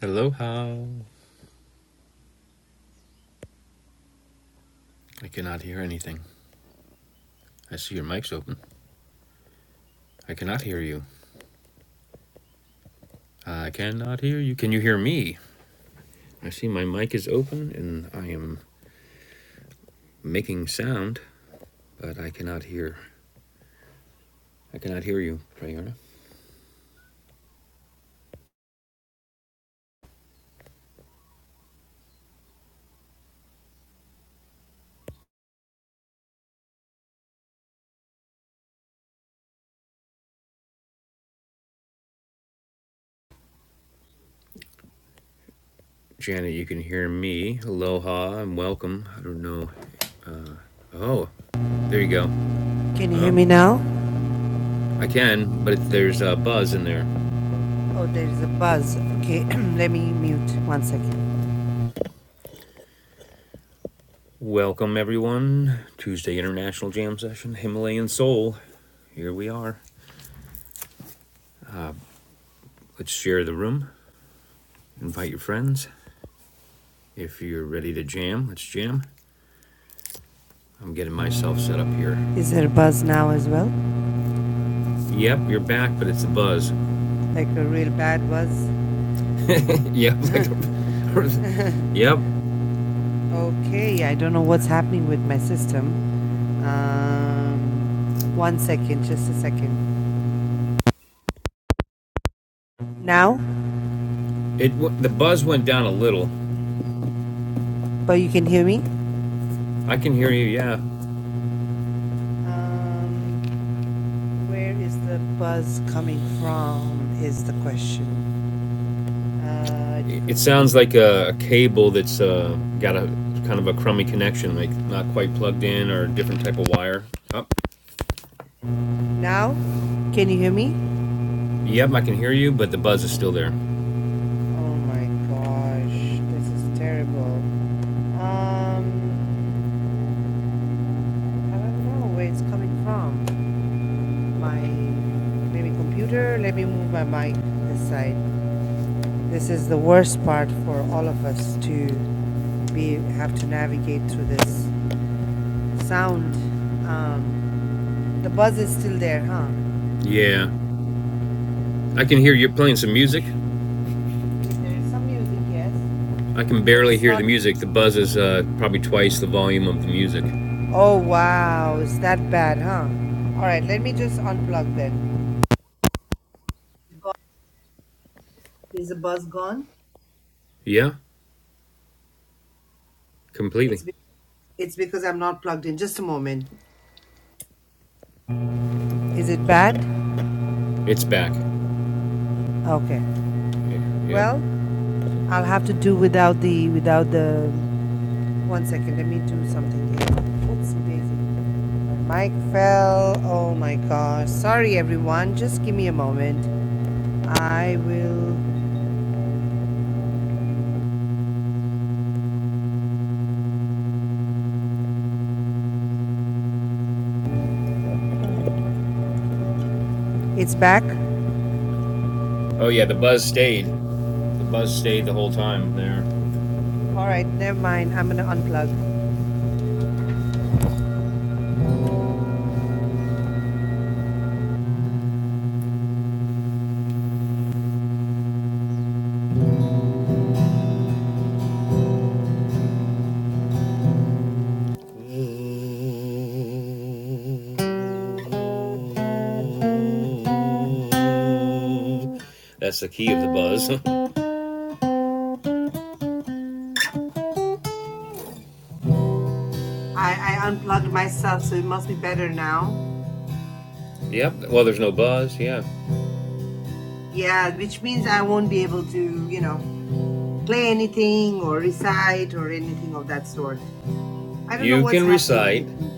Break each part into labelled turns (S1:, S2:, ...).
S1: Aloha. I cannot hear anything. I see your mic's open. I cannot hear you. I cannot hear you. Can you hear me? I see my mic is open and I am making sound, but I cannot hear. I cannot hear you, Prayerna. Janet, you can hear me. Aloha and welcome. I don't know. Uh, oh, there you go.
S2: Can you hear
S1: Um,
S2: me now?
S1: I can, but it, there's a buzz in there.
S2: Oh, there is a buzz. Okay, let me mute one second.
S1: Welcome, everyone. Tuesday International Jam Session, Himalayan Soul. Here we are. Let's share the room. Invite your friends. If you're ready to jam, let's jam. I'm getting myself set up here.
S2: Is there a buzz now as well?
S1: Yep, you're back, but it's a buzz.
S2: Like a real bad buzz?
S1: yep, like, a, yep.
S2: Okay, I don't know what's happening with my system. Um, one second, just a second. Now?
S1: It the buzz went down a little.
S2: But you can hear me?
S1: I can hear you. Yeah,
S2: Um, where is the buzz coming from? Is the question. Uh,
S1: it,
S2: it could be.
S1: sounds like a, a cable that's uh, got a kind of a crummy connection, like not quite plugged in or a different type of wire. Up. Oh,
S2: Now? Can you hear me?
S1: yep, I can hear you, but the buzz is still there.
S2: Oh my gosh, this is terrible. Um, I don't know where it's coming from. My maybe computer. Let me move my mic this side. This is the worst part for all of us to be have to navigate through this sound. Um, the buzz is still there, huh?
S1: Yeah, I can hear you
S2: There
S1: playing some music.
S2: is some music, yes,
S1: I can
S2: but
S1: barely
S2: it's
S1: hear the
S2: not.
S1: music. The buzz is uh, probably twice the volume of the music.
S2: Oh wow, it's that bad, huh? All right, let me just unplug then. Is the buzz gone?
S1: Yeah, completely.
S2: It's be- it's because I'm not plugged in. Just a moment. Is it bad?
S1: It's back.
S2: Okay.
S1: Yeah, yep.
S2: Well, I'll have to do without the without the. One second. Let me do something here. Oops, Daisy. Mike fell. Oh my gosh. Sorry, everyone. Just give me a moment. I will. It's back.
S1: Oh yeah, the buzz stayed. The buzz stayed the whole time there.
S2: All right. Never mind. I'm gonna unplug.
S1: That's the key of the buzz.
S2: I I unplugged myself, so it must be better now.
S1: yep. Well, there's no buzz. Yeah.
S2: Yeah, which means I won't be able to, you know, play anything or recite or anything of that sort. I don't know
S1: You
S2: what's
S1: can
S2: happening with
S1: recite.
S2: this group.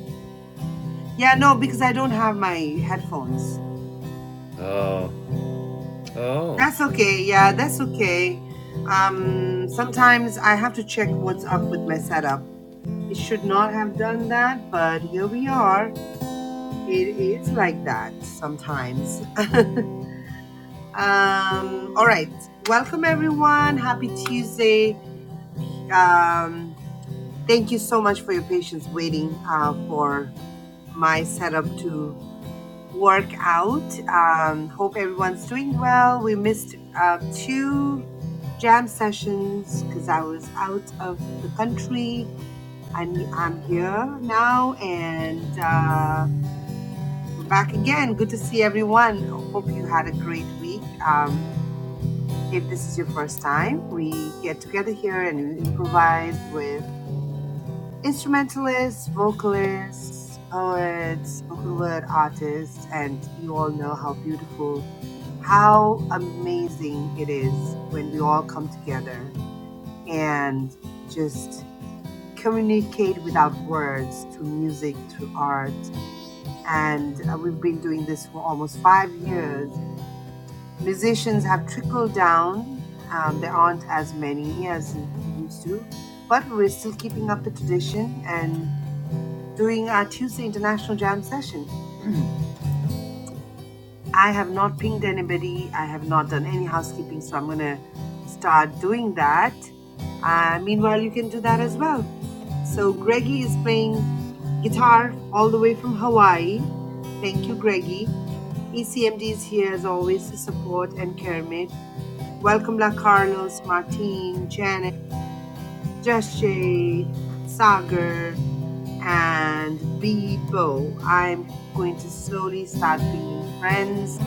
S2: Yeah, no, because I don't have my headphones.
S1: Oh. Oh.
S2: That's okay. Yeah, that's okay. Um, sometimes I have to check what's up with my setup. It should not have done that, but here we are. It is like that sometimes. um, all right. Welcome, everyone. Happy Tuesday. Um, thank you so much for your patience waiting uh, for my setup to work out. Um, hope everyone's doing well. We missed uh, two jam sessions because I was out of the country, and I'm here now, and uh, we're back again. Good to see everyone. Hope you had a great week. Um, if this is your first time, we get together here and we improvise with instrumentalists, vocalists, poets, spoken word artists, and you all know how beautiful, how amazing it is when we all come together and just communicate without words through music, through art. And uh, we've been doing this for almost five years. Musicians have trickled down. Um, there aren't as many as it used to, but we're still keeping up the tradition. And during our Tuesday International Jam session. I have not pinged anybody. I have not done any housekeeping, so I'm going to start doing that. Uh, meanwhile, you can do that as well. So, Greggy is playing guitar all the way from Hawaii. Thank you, Greggy. ECMD is here as always to support and Kermit. Welcome, La Carlos, Martine, Janet, Jashay, Sagar, and be Bo. I'm going to slowly start pinging friends.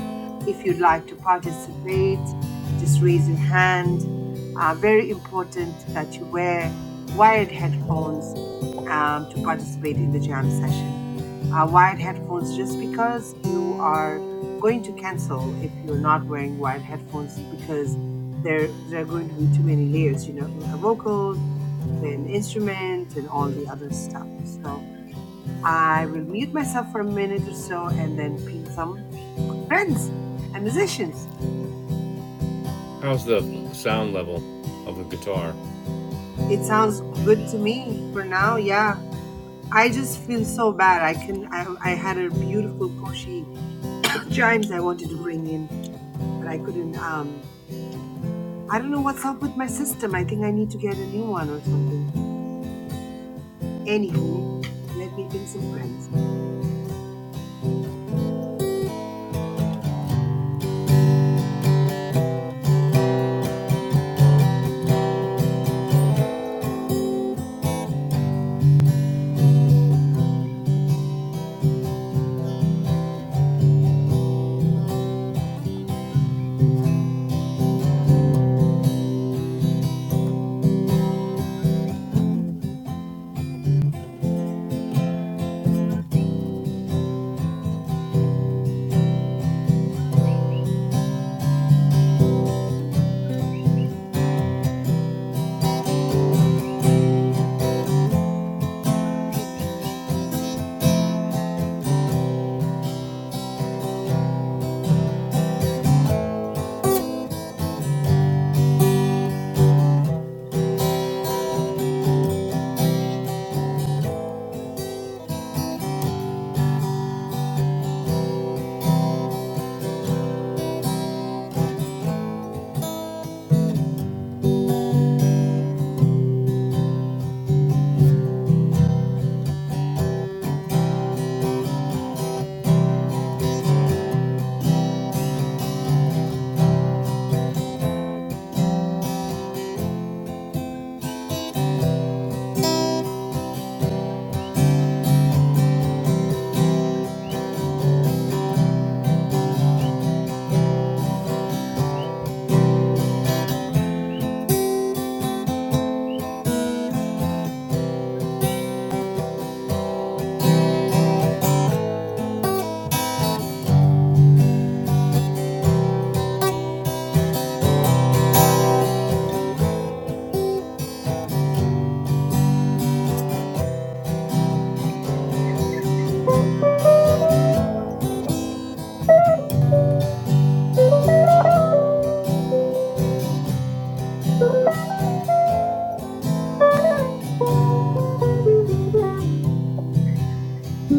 S2: If you'd like to participate, just raise your hand. Uh, very important that you wear wired headphones um, to participate in the jam session. Uh, wired headphones, just because you are going to cancel if you're not wearing wired headphones, because there there are going to be too many layers. You know, a vocal, an instrument, and all the other stuff. So I will mute myself for a minute or so and then ping some friends and musicians.
S1: How's the sound level of the guitar?
S2: It sounds good to me for now. Yeah. I just feel so bad. I can I, I had a beautiful Koshi chimes I wanted to bring in, but I couldn't um I don't know what's up with my system. I think I need to get a new one or something. Anywho, let me ping some friends.
S3: Hi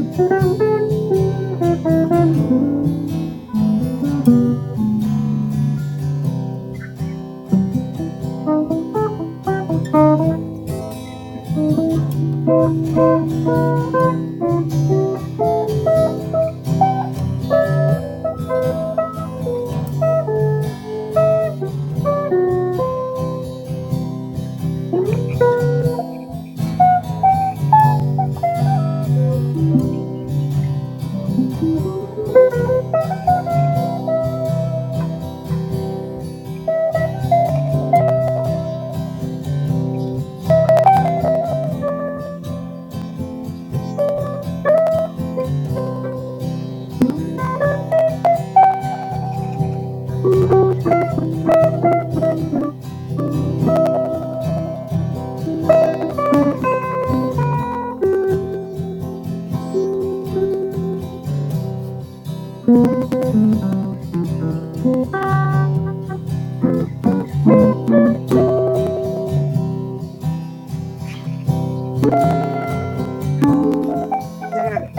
S2: There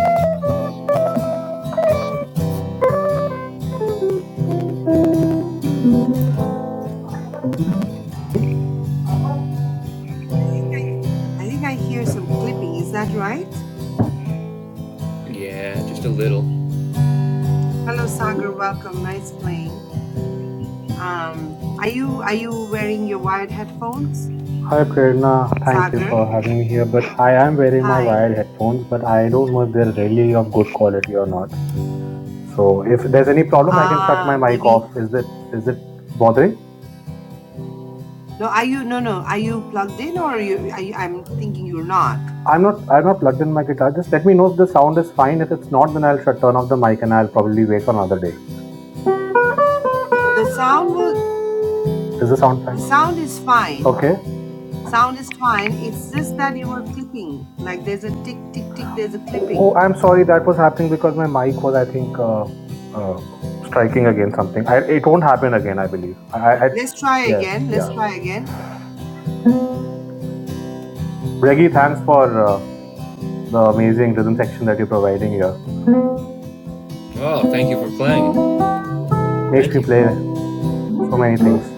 S2: I think I hear some clipping, is that right?
S1: Yeah, just a little.
S2: Hello Sagar, welcome. Nice playing. Um, are you are you wearing your wired headphones,
S3: Prerna, thank you
S2: Sagar?
S3: for having me here. But I am wearing my
S2: Hi.
S3: wired headphones, but I don't know if they're really of good quality or not. So if there's any problem, I can shut my
S2: Ah,
S3: mic
S2: maybe.
S3: off. Is that is it bothering?
S2: No, are you? No, no. Are you plugged in, or are you? Are you I'm thinking you're not.
S3: I'm not I'm not plugged in my guitar. Just let me know if the sound is fine. If it's not, then I'll shut turn off the mic and I'll probably wait for another day.
S2: The sound was.
S3: Is the sound
S2: The
S3: fine?
S2: sound is fine.
S3: Okay.
S2: Sound is fine. It's just that you were clipping. Like there's a tick, tick, tick. There's a clipping.
S3: Oh, I'm sorry. That was happening because my mic was, I think, uh, uh, striking against something. I, it won't happen again, I believe. I, I, I
S2: Let's try
S3: yes,
S2: again. Let's
S3: yeah.
S2: try again.
S3: Reggie, thanks for uh, the amazing rhythm section that you're providing here.
S1: Oh, thank you for playing.
S3: Makes
S1: Thank
S3: me
S1: you.
S3: play so many things.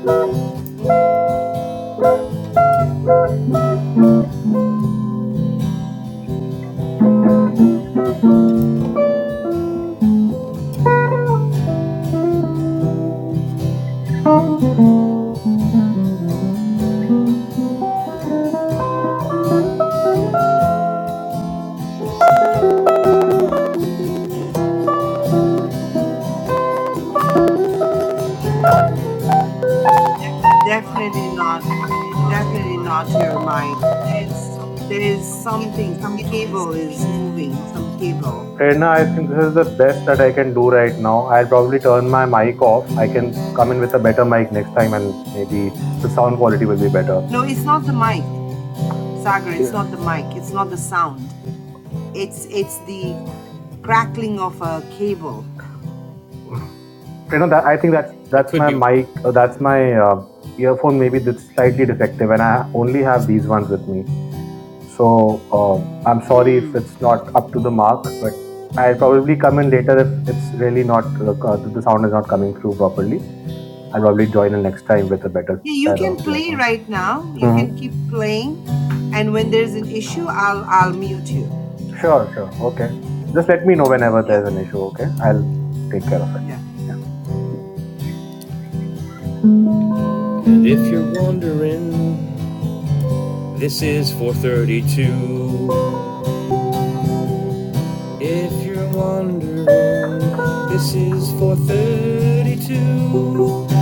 S2: Definitely not. Definitely not your mic. There is something. Some cable is moving. Some cable.
S3: Prerna, I think this is the best that I can do right now. I'll probably turn my mic off. I can come in with a better mic next time, and maybe the sound quality will be better.
S2: No, it's not the mic. Sagar, it's not the mic. It's not the sound. It's it's the crackling of a cable.
S3: you know that i think that's
S1: It
S3: that's
S1: could
S3: my
S1: be.
S3: mic uh, that's my uh, earphone maybe that's slightly defective and i only have these ones with me so uh, i'm sorry if
S2: Hmm.
S3: it's not up to the mark but i'll probably come in later if it's really not uh, uh, the sound is not coming through properly i'll probably join in next time with a better
S2: Yeah, you
S3: pair of
S2: can play
S3: earphones
S2: right now. You
S3: hmm
S2: can keep playing, and when there's an issue, I'll I'll mute you.
S3: sure sure okay just let me know whenever
S2: Yeah,
S3: there's an issue okay i'll take care of
S2: yeah.
S3: it
S1: And if you're
S3: yeah
S1: wondering, this is 432. If you're wondering, this is 432.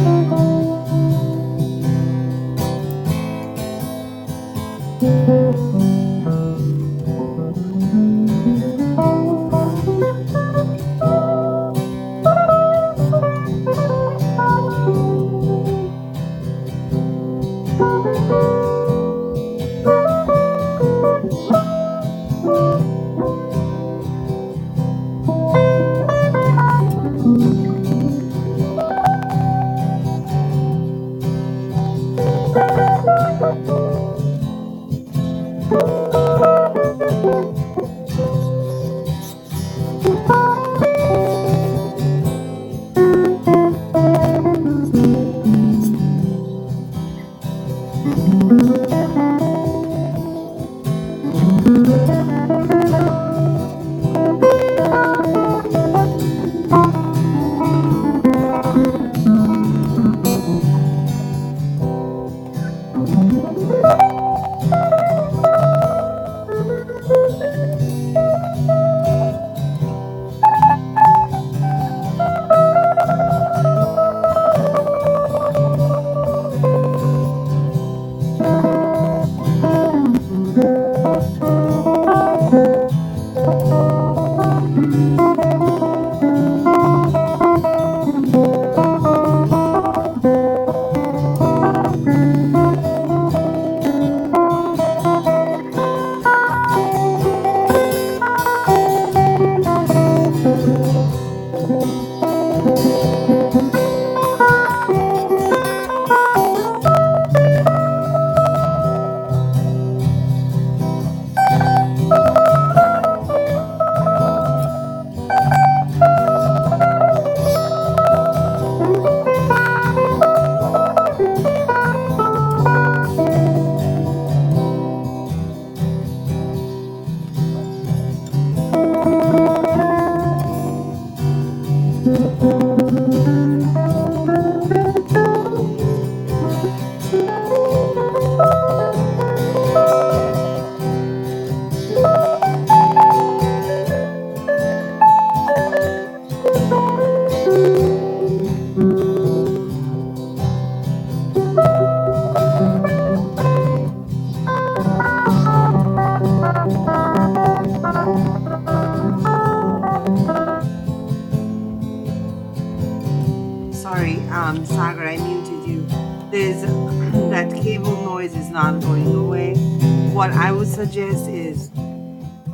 S2: Sorry, um, Sagar, I muted you. There's that cable noise is not going away. What I would suggest is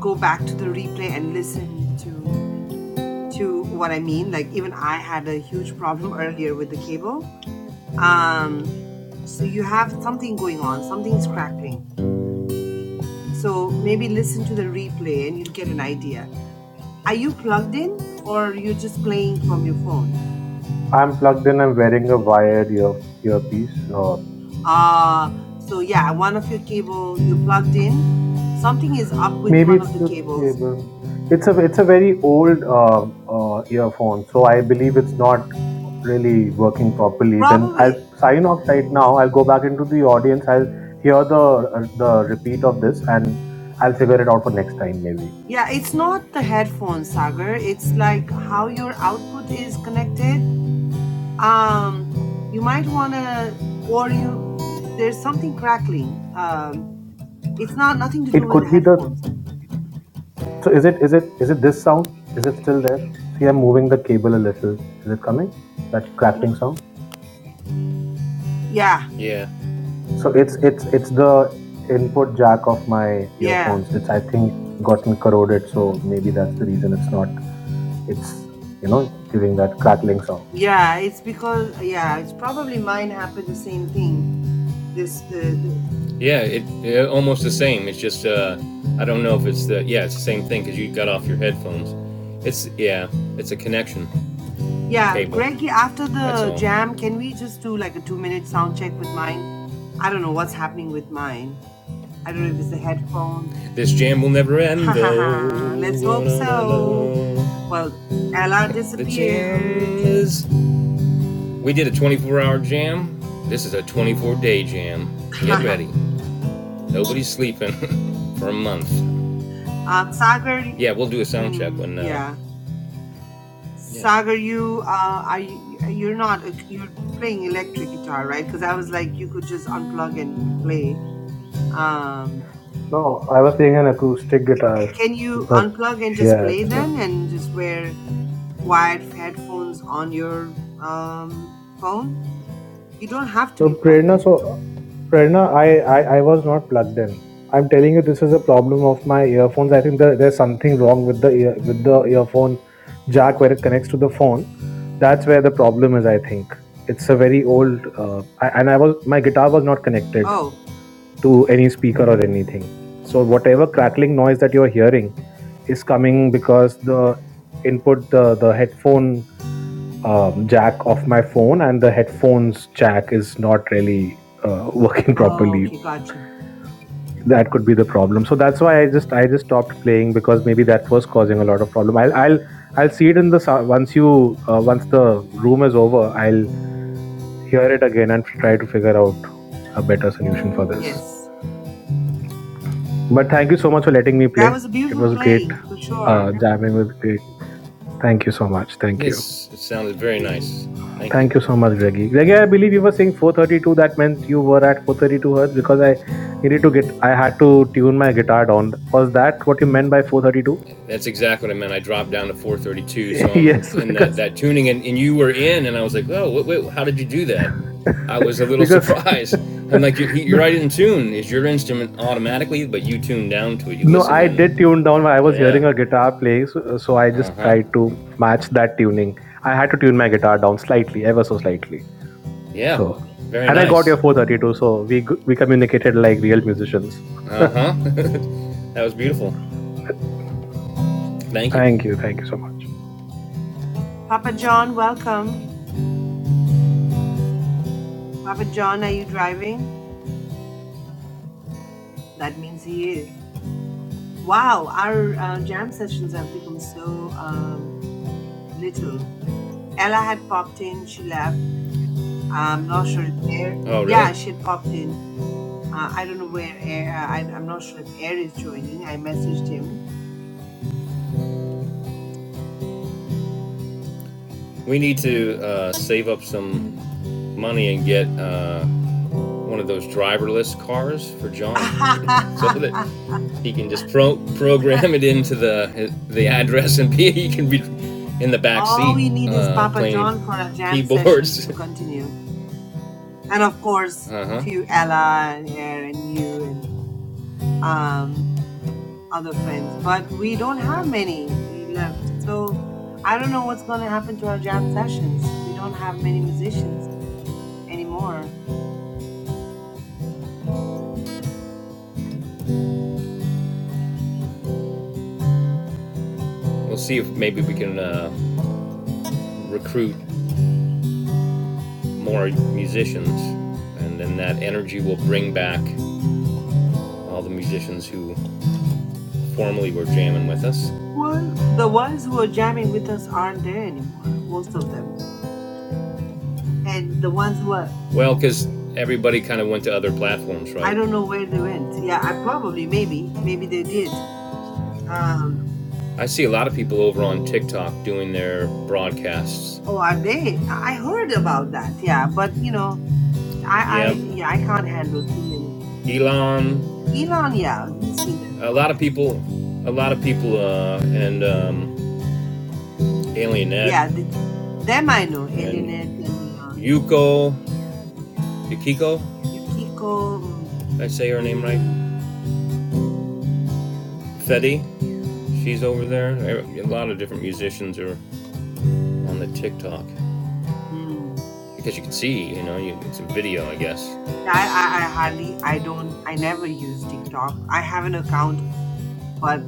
S2: go back to the replay and listen to to what I mean. Like even I had a huge problem earlier with the cable um so you have something going on something's crackling so maybe listen to the replay and you'll get an idea are you plugged in or you're just playing from your phone
S3: I'm plugged in. I'm wearing a wired ear earpiece. Uh,
S2: uh so yeah one of your cable you plugged in something is up with
S3: maybe
S2: one
S3: it's
S2: of the
S3: the
S2: cables
S3: cable. It's a it's a very old uh, uh, earphone, so I believe it's not really working properly. Then I'll
S2: probably
S3: sign off right now. I'll go back into the audience. I'll hear the uh, the repeat of this, and I'll figure it out for next time. Maybe
S2: yeah it's not the headphone sagar it's like how your output is connected um you might want to or you there's something crackling um It's not nothing to do
S3: it
S2: with the
S3: could be the.
S2: headphones.
S3: So is it is it is it this sound? Is it still there? See, I'm moving the cable a little. Is it coming? That
S2: No,
S3: crackling sound.
S2: yeah,
S1: Yeah,
S3: So it's it's it's the input jack of my
S2: yeah,
S3: earphones. It's I think gotten corroded, so maybe that's the reason it's not it's you know giving that crackling sound.
S2: yeah. It's because yeah, it's probably mine happened the same thing. This the, the
S1: yeah, it, it almost the same. It's just uh, I don't know if it's the yeah, it's the same thing because you got off your headphones. It's yeah, it's a connection
S2: yeah,
S1: cable.
S2: Greg. After
S1: That's
S2: the
S1: all.
S2: jam, can we just do like a two minute sound check with mine? I don't know what's happening with mine. I don't know if it's the headphone.
S1: This jam will never end though.
S2: Let's hope so. Well, Ella
S1: The
S2: disappeared.
S1: jam is. We did a 24-hour jam. This is a 24-day jam. Get ready. Nobody's sleeping for a month.
S2: um, Sagar.
S1: Yeah, we'll do a sound check
S2: Mm,
S1: when. Uh,
S2: yeah.
S1: yeah,
S2: Sagar, you uh, are you, you're not you're playing electric guitar, right? Because I was like, you could just unplug and play. Um,
S3: No, I was playing an acoustic guitar,
S2: can you
S3: but
S2: unplug and just
S3: yeah.
S2: play
S3: it's,
S2: then, and just wear wired headphones on your um, phone? You don't have to
S3: So
S2: be plugged
S3: Prerna,
S2: in.
S3: so Prerna, I, I I was not plugged in. I'm telling you, this is a problem of my earphones. I think there, there's something wrong with the ear, with the earphone jack where it connects to the phone. That's where the problem is. I think it's a very old. Uh, I, and I was my guitar was not connected
S2: Oh,
S3: to any speaker or anything. So whatever crackling noise that you're hearing is coming because the input the the headphone um, jack of my phone and the headphones jack is not really uh, working
S2: oh,
S3: properly
S2: okay, gotcha.
S3: that could be the problem so that's why i just i just stopped playing because maybe that was causing a lot of problem i'll i'll i'll see it in the sou- once you uh, once the room is over i'll hear it again and try to figure out a better solution for this
S2: Yes,
S3: but thank you so much for letting me
S2: that
S3: play
S2: was a
S3: it
S2: beautiful
S3: was great
S2: playing for
S3: uh,
S2: sure.
S3: jamming with great thank you so much thank you
S1: yes, it sounded very
S2: Yeah,
S1: nice. Thank you.
S3: Thank you so much, Greggy. Greggy, I believe you were saying 432. That meant you were at 432 hertz because I needed to get, I had to tune my guitar down. Was that what you meant by 432?
S1: That's exactly what I meant. I dropped down to 432, so I'm
S3: yes,
S1: in that
S3: because
S1: that tuning, and, and you were in, and I was like, oh, wait, wait, how did you do that? I was a little
S3: because
S1: surprised. I'm like, you're, you're right in tune. Is your instrument automatically, but you tuned down to it. You
S3: no,
S1: listened
S3: I did
S1: and
S3: tune down. when I was
S1: yeah,
S3: hearing a guitar playing, so, so I
S1: uh
S3: just
S1: huh,
S3: tried to match that tuning. I had to tune my guitar down slightly, ever so slightly.
S1: yeah,
S3: So,
S1: very
S3: and I got
S1: nice.
S3: your 432. So we we communicated like real musicians.
S1: Uh huh. that was beautiful. Thank you.
S3: Thank you, thank you so much.
S2: Papa John, welcome. Papa John, are you driving? That means he is. Wow, our uh, jam sessions have become so um, little. Ella had popped in, she left. I'm not sure if Air.
S1: Oh, really?
S2: Yeah, she had popped in. Uh, I don't know where Air. Uh, I, I'm not sure if Air is joining. I messaged him.
S1: We need to uh, save up some money and get uh, one of those driverless cars for John, so that he can just pro- program it into the the address and be, he can be in the back
S2: All
S1: seat
S2: we need is
S1: uh,
S2: Papa
S1: playing
S2: John for our jam sessions
S1: keyboards.
S2: to continue, and of course,
S1: Uh
S2: a
S1: huh.
S2: few Ella and Air and you and um other friends, but we don't have many left. So I don't know what's going to happen to our jam sessions. We don't have many musicians anymore.
S1: We'll see if maybe we can uh, recruit more musicians, and then that energy will bring back all the musicians who formerly were jamming with us.
S2: Well, the ones who are jamming with us aren't there anymore, most of them. And the ones who are,
S1: Well, because everybody kind of went to other platforms,
S2: I
S1: right?
S2: don't know where they went. Yeah, I probably, maybe, maybe they did. Um,
S1: I see a lot of people over on TikTok doing their broadcasts
S2: oh, are they? I I heard about that. Yeah, but you know, I,
S1: Yep.
S2: I, yeah, I can't handle too many.
S1: Elon.
S2: Elon, yeah, he's been there
S1: A
S2: for
S1: lot
S2: that.
S1: of people. A lot of people. Uh, and um, Alienette
S2: Yeah, th- them I know, Elena
S1: and
S2: and Leon.
S1: Yuko Yukiko.
S2: Yukiko, mm,
S1: Did I say her name
S2: mm,
S1: right. Fetty. She's over there. A lot of different musicians are on the TikTok
S2: mm.
S1: because you can see. You know, you, it's a video, I guess.
S2: I, I, I hardly, I don't, I never use TikTok. I have an account, but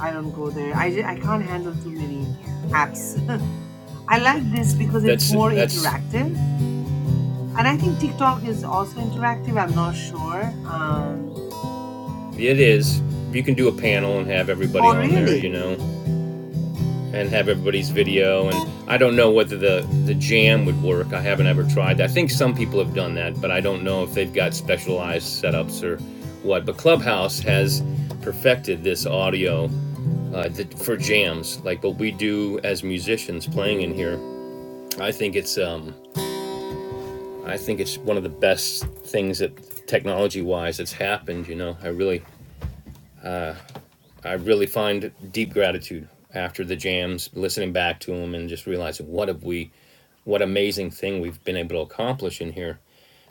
S2: I don't go there. I, ju- I can't handle too many apps. I like this because it's
S1: That's
S2: more
S1: that's.
S2: interactive. And I think TikTok is also interactive. I'm not sure. Um,
S1: It is. You can do a panel and have everybody
S2: oh,
S1: on there. You
S2: really?
S1: know. and have everybody's video. And I don't know whether the, the jam would work. I haven't ever tried that. I think some people have done that, but I don't know if they've got specialized setups or what. But Clubhouse has perfected this audio uh, th- for jams, like what we do as musicians playing in here. I think it's um, I think it's one of the best things that technology-wise that's happened. You know, I really I really find deep gratitude after the jams, listening back to them, and just realizing what have we what amazing thing we've been able to accomplish in here.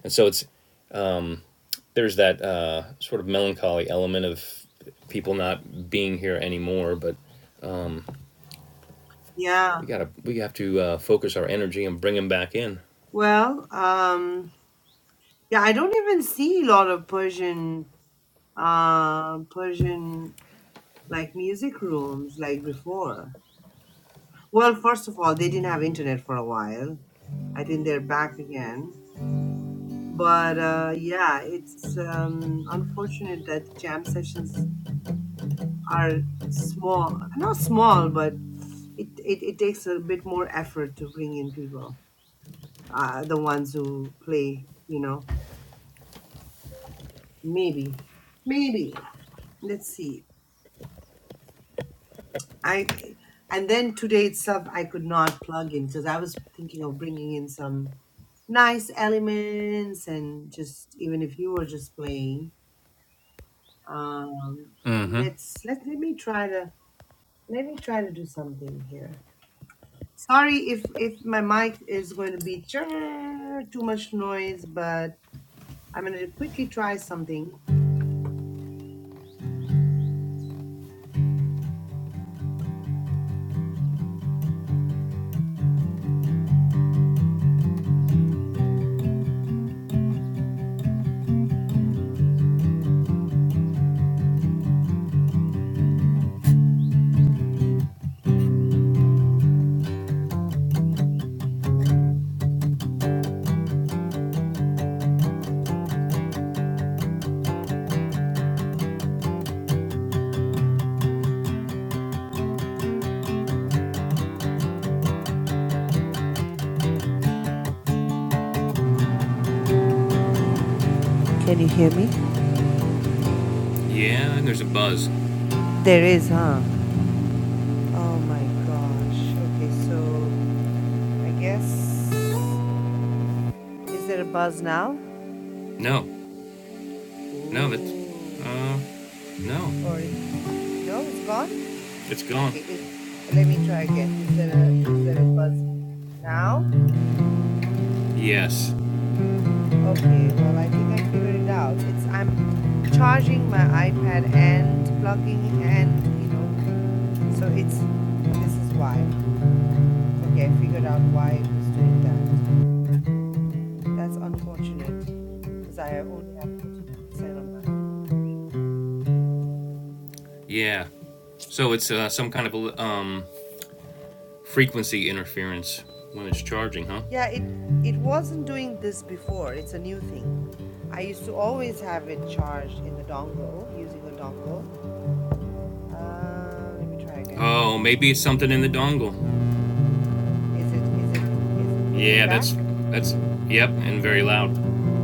S1: And so it's there's that uh, sort of melancholy element of people not being here anymore, but
S2: Yeah.
S1: we gotta we have to uh, focus our energy and bring them back in.
S2: Well, um, yeah, I don't even see a lot of Persian uh, Persian like music rooms like before. Well, first of all, they didn't have internet for a while. I think they're back again. But uh, yeah, it's um, unfortunate that jam sessions are small, not small, but it, it, it takes a bit more effort to bring in people, uh, the ones who play, you know. Maybe. Maybe. Let's see. I and then today itself I could not plug in because I was thinking of bringing in some nice elements and just even if you were just playing, um, let's let let me try to let me try to do something here. Sorry if if my mic is going to be churr, too much noise, but I'm gonna quickly try something. Can you hear me?
S1: Yeah, and there's a buzz.
S2: There is, huh? Oh my gosh. Okay, so I guess. Is there a buzz now?
S1: No, no, it's
S2: Ooh.
S1: uh, no,
S2: Or no, it's gone.
S1: it's gone.
S2: Okay, is, let me try again. Is there a is there a buzz now?
S1: Yes,
S2: Okay, well I think I figured it out. It's I'm charging my iPad and plugging and you know, so it's this is why. Okay, I figured out why it was doing that. That's unfortunate because I only have 14% on my iPad.
S1: yeah. So it's uh, some kind of um frequency interference when it's charging, huh?
S2: Yeah, it it wasn't doing this before. It's a new thing. I used to always have it charged in the dongle using a dongle. Uh, let me try again.
S1: Oh, maybe it's something in the dongle.
S2: Is it is it is, is
S1: Yeah,
S2: it back?
S1: that's that's yep, and very loud.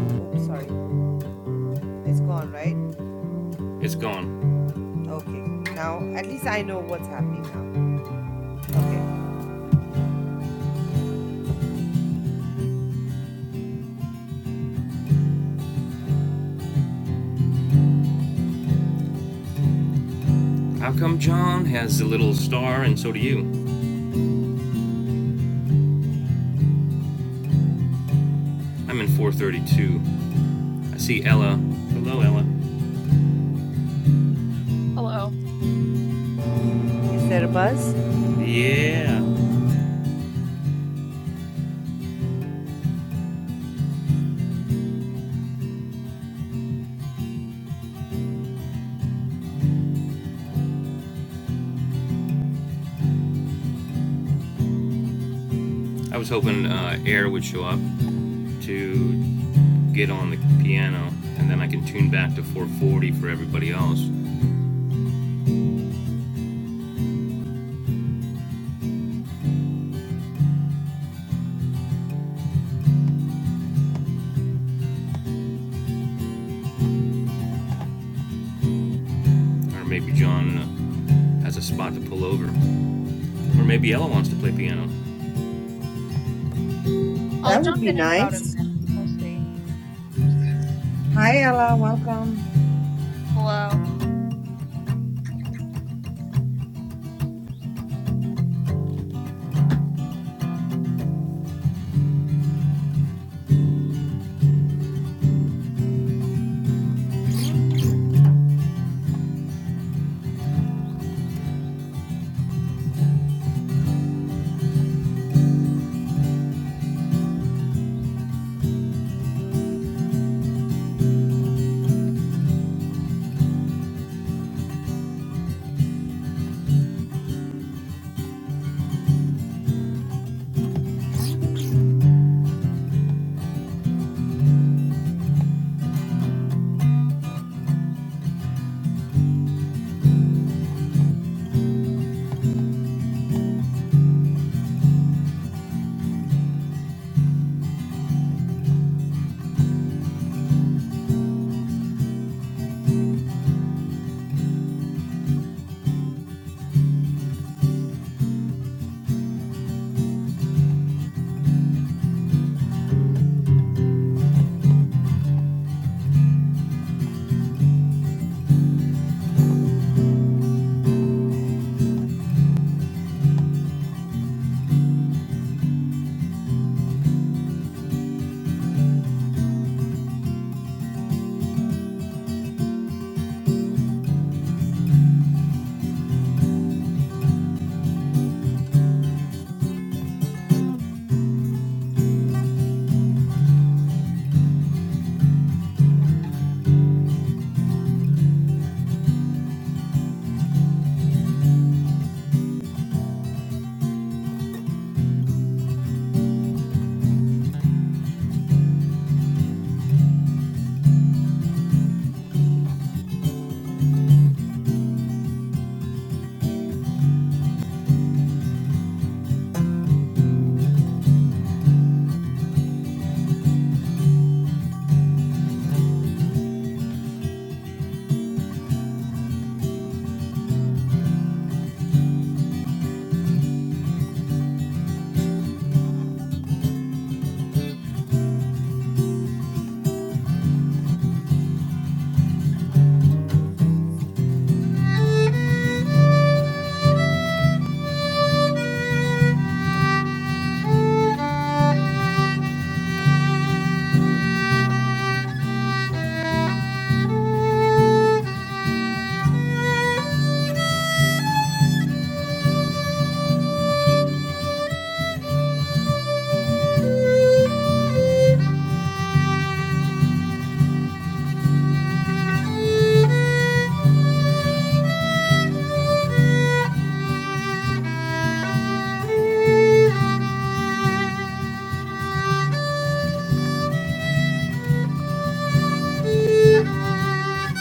S2: Oops, sorry. It's gone, right?
S1: It's gone.
S2: Okay. Now at least I know what's happening now. Okay.
S1: How come John has the little star and so do you? I'm in 432. I see Ella. Hello, Ella.
S2: Is there a buzz?
S1: Yeah. I was hoping uh, Air would show up to get on the piano and then I can tune back to 440 for everybody else. Or maybe John uh, has a spot to pull over. Or maybe Ella wants to play piano.
S2: That would be nice. Hi Ella, welcome.
S4: Thank you. Thank you.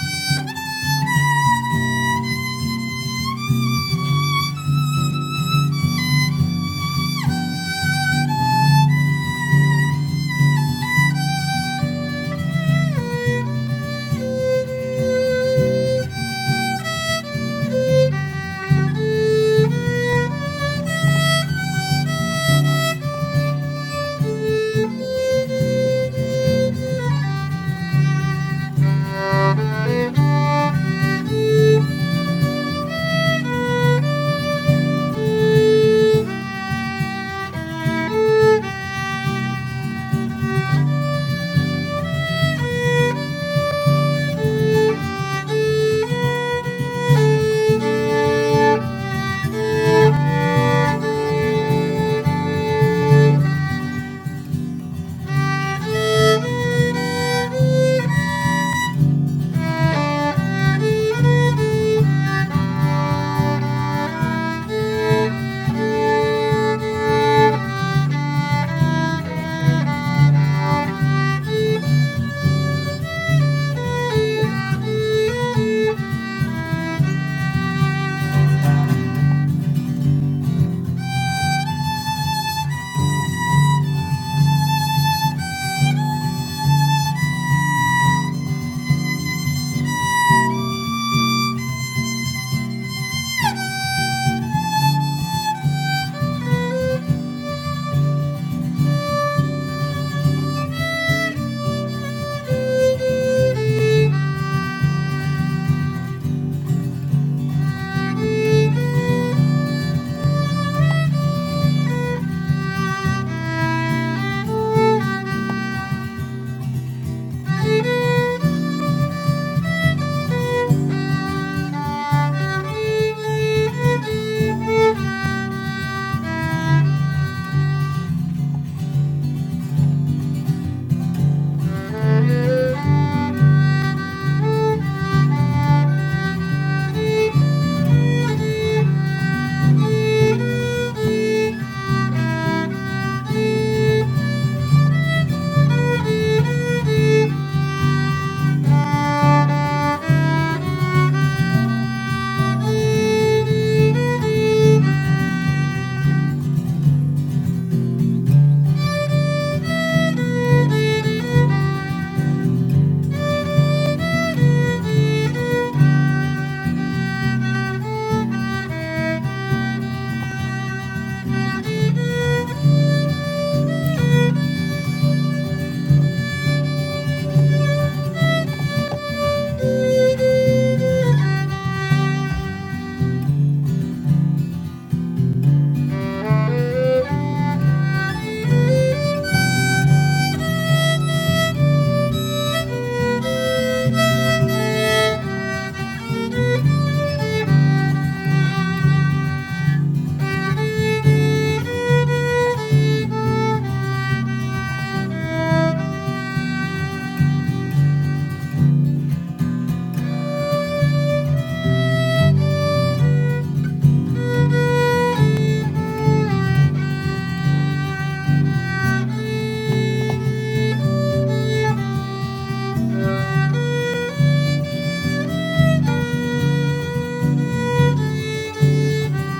S4: Thank you. Thank you. Thank you. Thank you. Thank you. Thank you. Thank you. Thank you.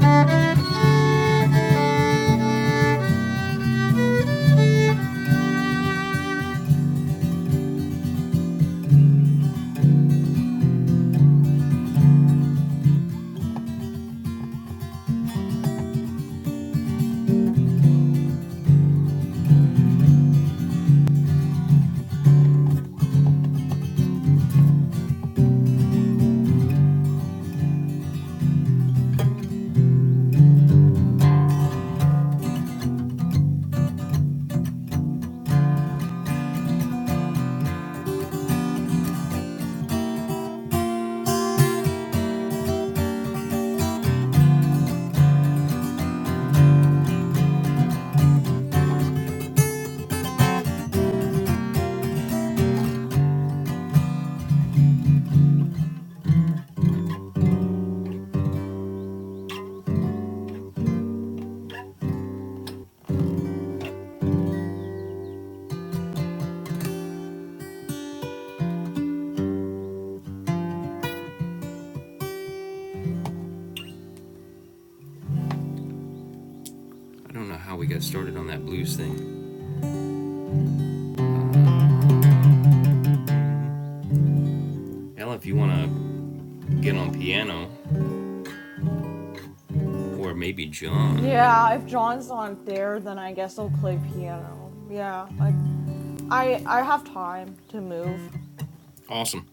S4: Thank you.
S1: I don't know how we got started on that blues thing. Ella, if you want to get on piano, or maybe John. Awesome.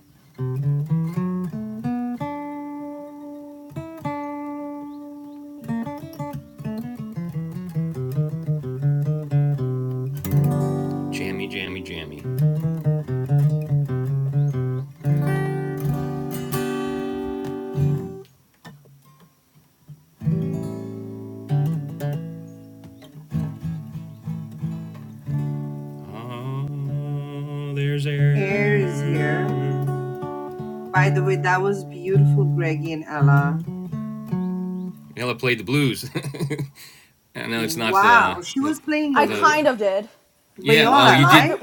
S1: Jammy, jammy, jammy. Oh, there's
S2: Air is here.
S1: air.
S2: By the way, that was beautiful, Greggy and Ella.
S1: Ella played the blues. I know it's not the
S2: Wow, she
S1: the
S2: was playing
S1: the yeah. Well,
S2: Viola,
S1: you did.
S2: right?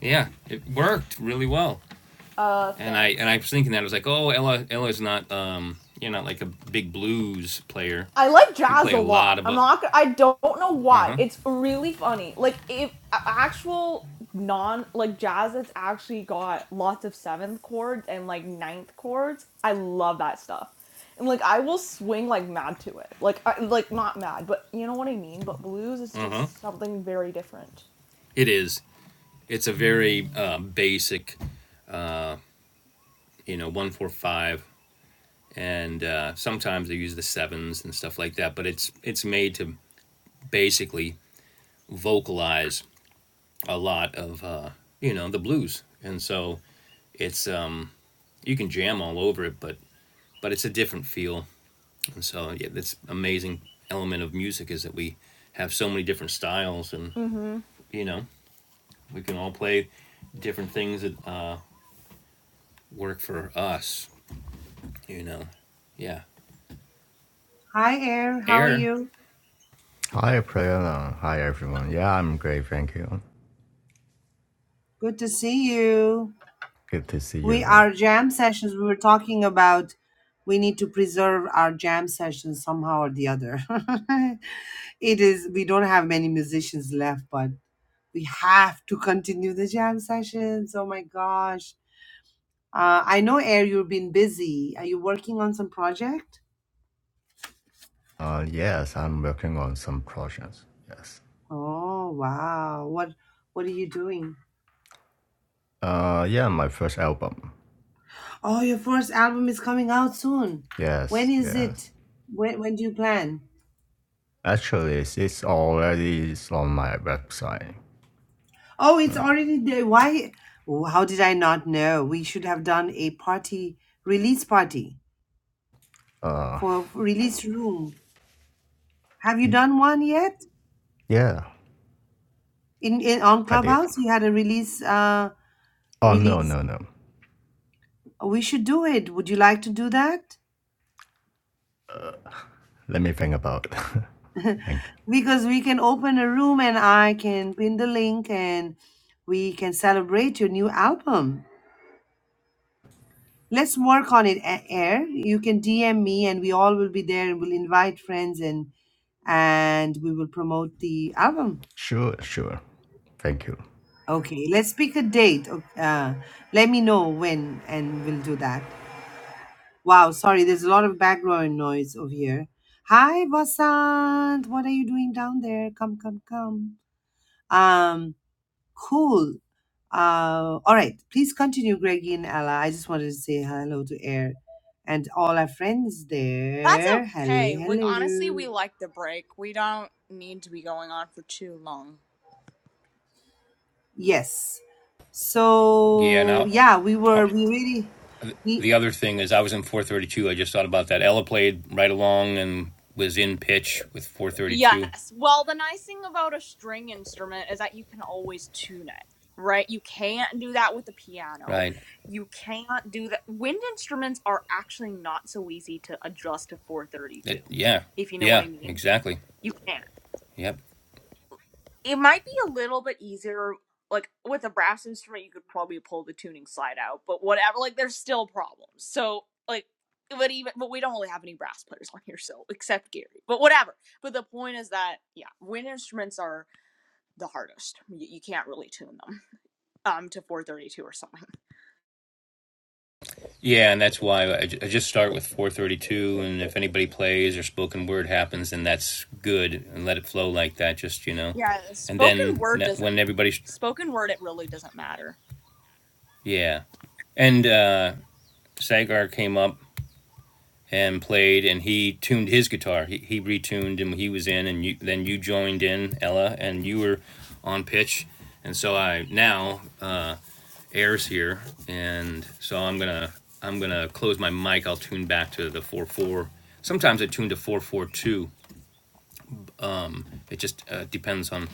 S1: Yeah, it worked really well. And I and I was thinking that I was like, oh, Ella Ella's not um you're not like a big blues player. You play a lot of uh huh uh huh. It is. It's a very uh, basic you know one four five and uh, sometimes they use the sevens and stuff like that. But it's it's made to basically vocalize a lot of uh, you know the blues, and so it's um, you can jam all over it, but but it's a different feel, and so yeah, this amazing element of music is that we have so many different styles, and you know we can all play different things that uh, work for us, you know. Yeah,
S2: Hi, Air. How are
S1: air.
S2: you?
S5: Hi, Prayana. Hi, everyone. Yeah, I'm great. Thank you.
S2: Good to see you.
S5: Good to see
S2: We
S5: you all.
S2: our jam sessions. We were talking about we need to preserve our jam sessions somehow or the other. it is we don't have many musicians left, but we have to continue the jam sessions. Oh my gosh! Uh, I know, Air. You've been busy. Are you working on some project?
S5: Uh, yes, I'm working on some projects. Yes.
S2: Oh wow! What What are you doing?
S5: Uh, yeah, my first album.
S2: Oh, your first album is coming out soon. When
S5: Yes,
S2: is
S5: yes.
S2: it? When, when do you plan?
S5: Actually, it's it's already it's on my website.
S2: Oh, it's already there. Why? oh, How did I not know? We should have done a party, release party
S5: Uh,
S2: for for release room. Have you done one yet?
S5: yeah,
S2: In, in on
S5: I did.
S2: Clubhouse, you had a release. Uh,
S5: Oh, no,
S2: release.
S5: no, no.
S2: We should do it. Would you like to do that?
S5: Let me think about it. Thank you.
S2: Because we can open a room and I can pin the link and we can celebrate your new album. Let's work on it, A- Air. You can DM me, and we all will be there, and we'll invite friends, and and we will promote the album.
S5: Sure, sure. Thank you.
S2: Okay, let's pick a date. o- Uh, let me know when, and we'll do that. Wow, sorry, there's a lot of background noise over here. Hi, Vasant. What are you doing down there? Come, come, come. Um, Cool. Uh, all right. Please continue, Greggy and Ella. I just wanted to say hello to Air and all our friends there. Hello, hello. Yes.
S1: Yeah,
S2: So
S1: now
S2: yeah, we were we really we
S1: the other thing is I was in 432. I just thought about that. Ella played right along and was in pitch with 432. Right. It, yeah, yeah, exactly. Yep. Yeah, and that's why I, j- I just start with 432, and if anybody plays or spoken word happens, then that's good, and let it flow like that. Just you know, and then ne- when everybody, sh- yeah, and uh, Sagar came up and played, and he tuned his guitar. He, he retuned, and he was in, and you, then you joined in, Ella, and you were on pitch, and so I now. Uh, airs here, and so I'm gonna I'm gonna close my mic. I'll tune back to the four four. Sometimes I tune to four four two. It just uh, depends on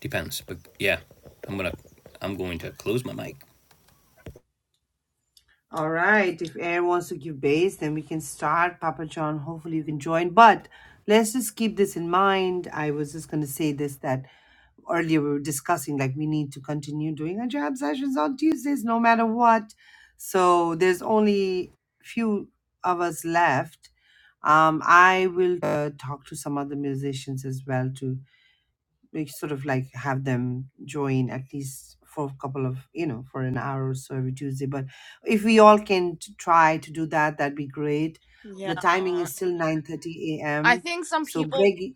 S1: depends. But yeah, I'm gonna I'm going to close my mic.
S2: all right. If Air wants to give base, then we can start. Papa John, hopefully you can join. But let's just keep this in mind. I was just gonna say this that earlier we were discussing like we need to continue doing our jam sessions on tuesdays no matter what so there's only few of us left um i will uh, talk to some other musicians as well to make sort of like have them join at least for a couple of you know for an hour or so every tuesday but if we all can t- try to do that that'd be great the timing is still nine thirty a.m so greg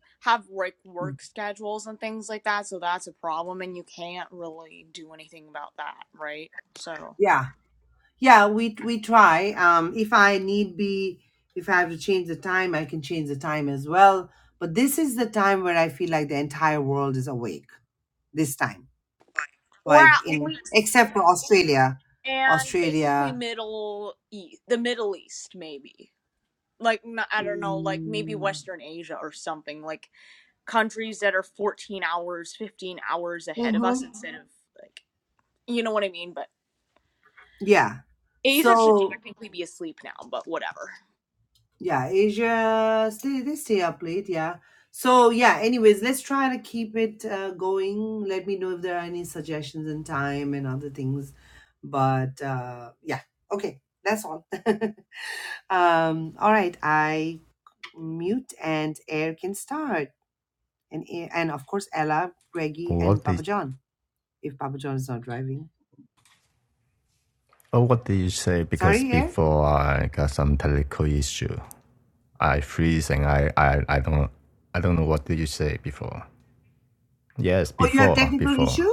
S2: yeah Yeah, we we try. Um, if I need be, if I have to change the time, I can change the time as well. But this is the time where I feel like the entire world is awake. This time, like in except for Australia, Australia. Mm, mhm, Yeah. So Yeah, Asia stay they stay up late, yeah. So yeah, anyways, let's try to keep it uh, going. Let me know if there are any suggestions in time and other things. But uh yeah, okay, that's all. um all right, I mute and air can start. And Air- and of course Ella, Greggy and
S5: What did,
S2: Papa John if Papa John is not driving.
S5: oh, what did you say? Because
S2: Sorry, Air?
S5: before I got some technical issue. I freeze and I, I, I don't I don't know what did you say before. Yes,
S2: Oh, you have
S5: before
S2: technical
S5: before.
S2: issue?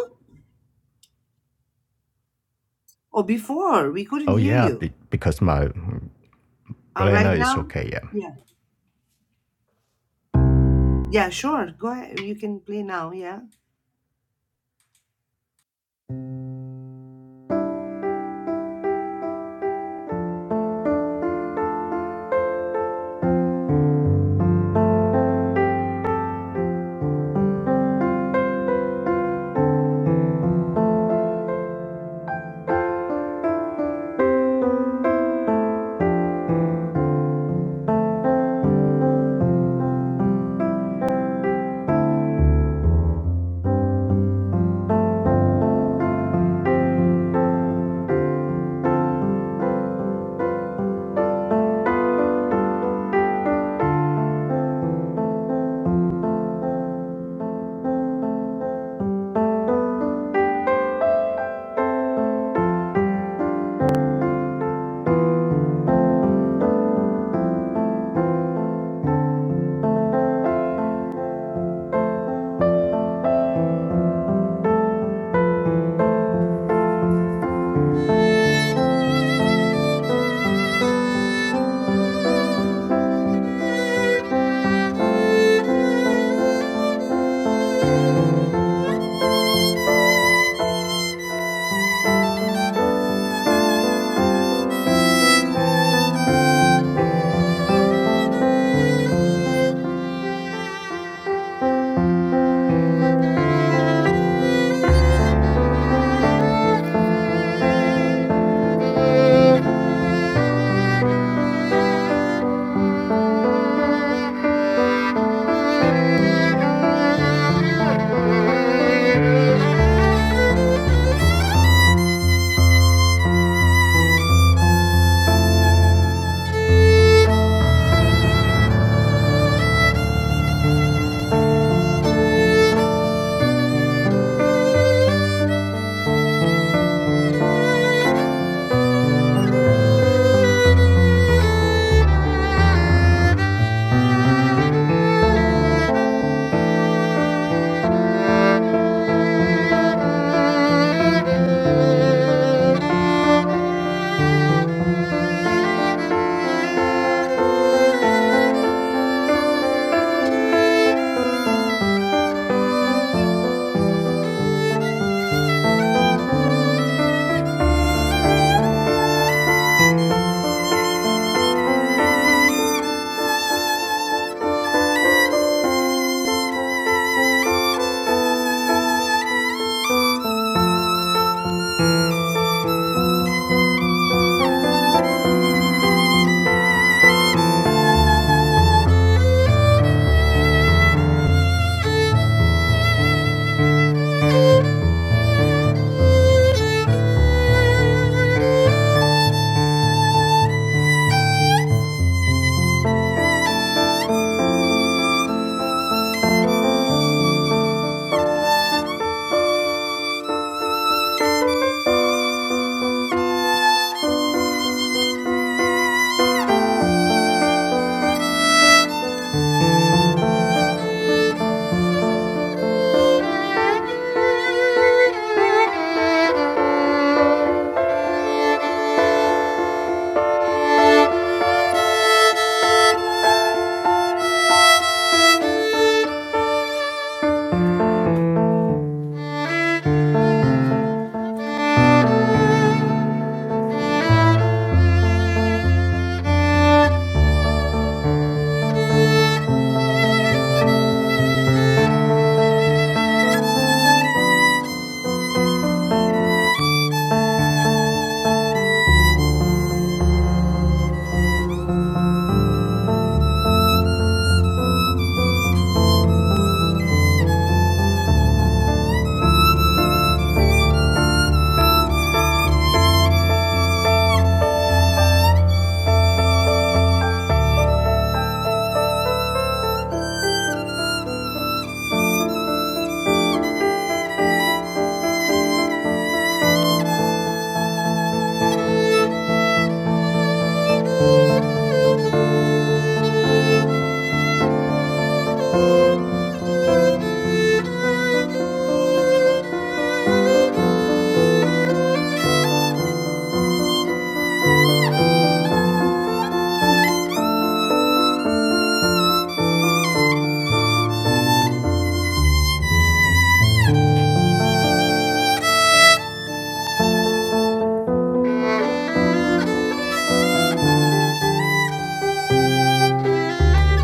S2: Oh, before we couldn't
S5: Oh
S2: hear
S5: yeah,
S2: you.
S5: be, because my
S2: Uh, right
S5: blender
S2: now?
S5: is okay. Yeah,
S2: Yeah. Yeah, sure. Go ahead. You can play now. Yeah.
S4: Thank you. Thank you. Thank you. Thank you. Thank you. Thank you.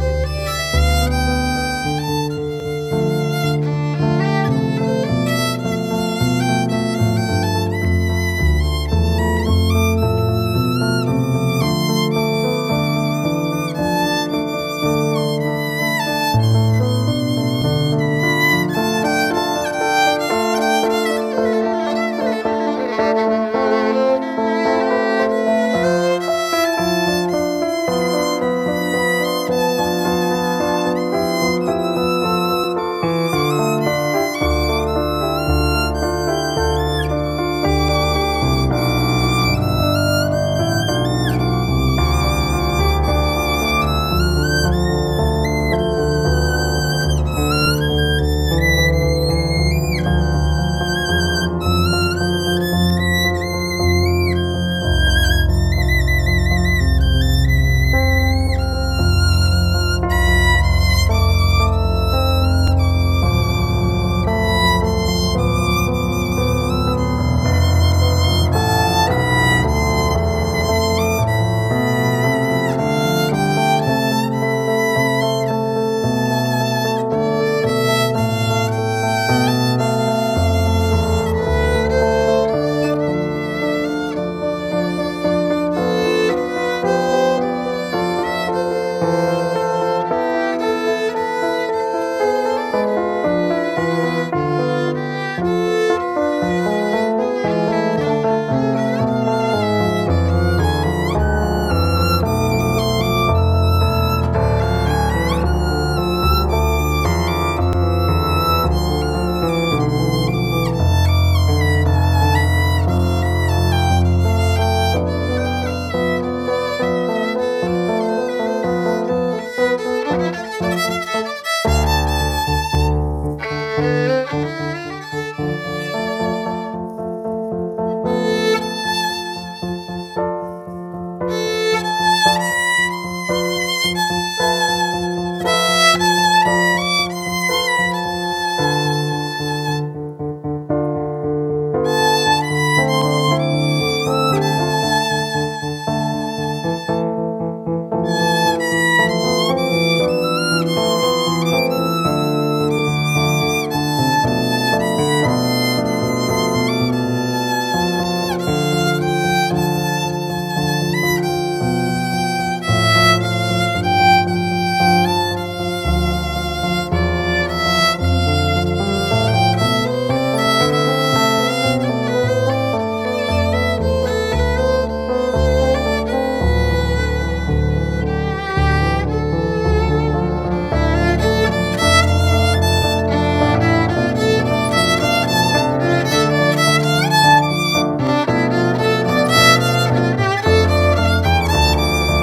S4: Thank you.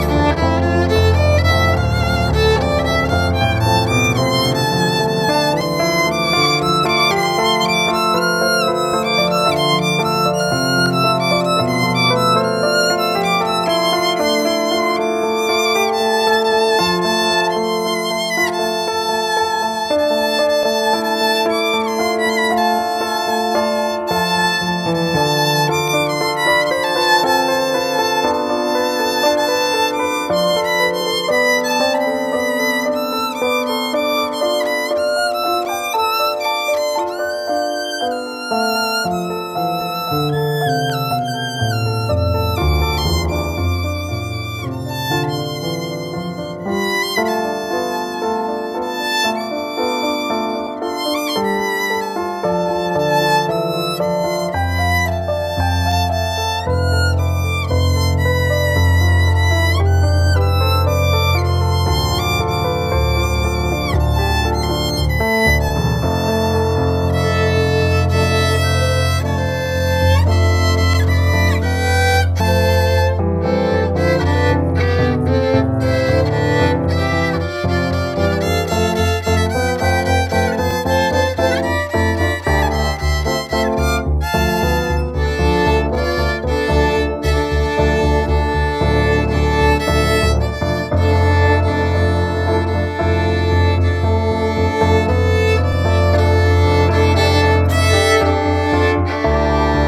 S4: Thank you. Thank you. Thank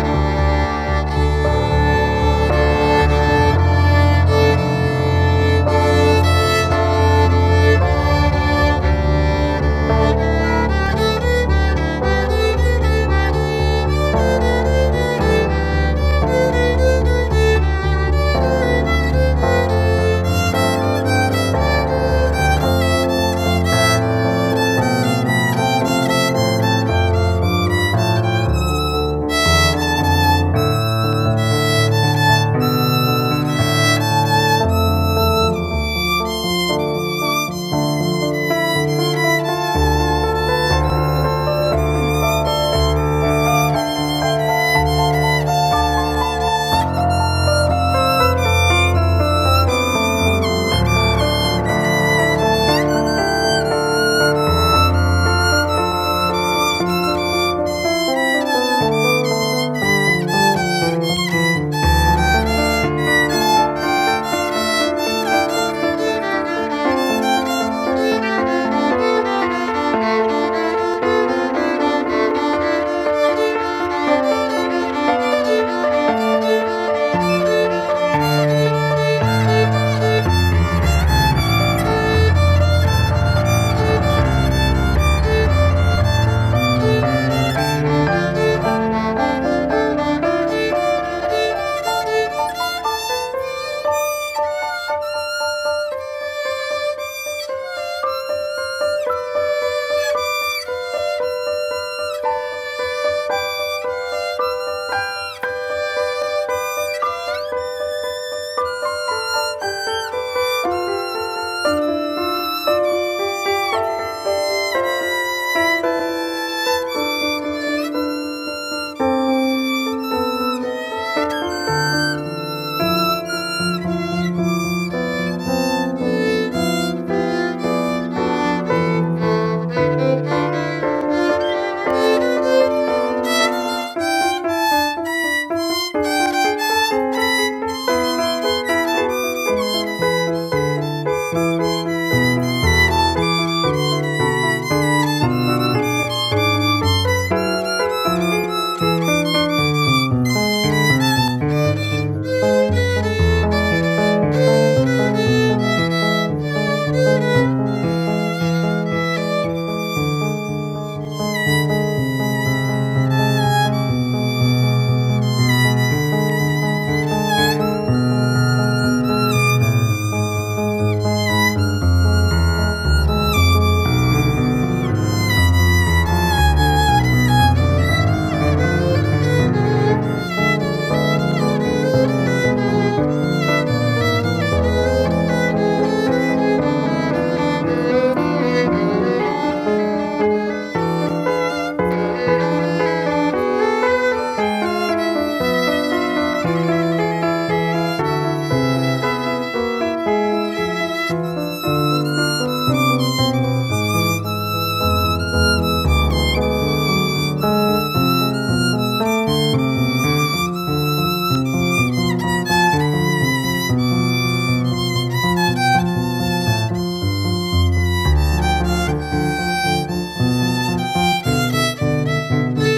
S4: you. Thank you. Thank you. Thank you. Thank you. Thank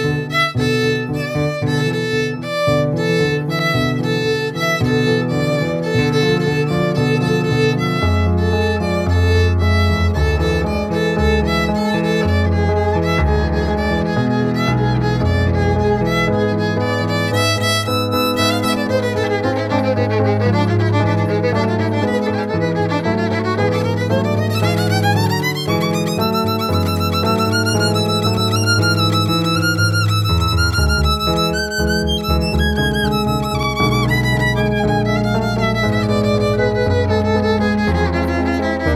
S4: you.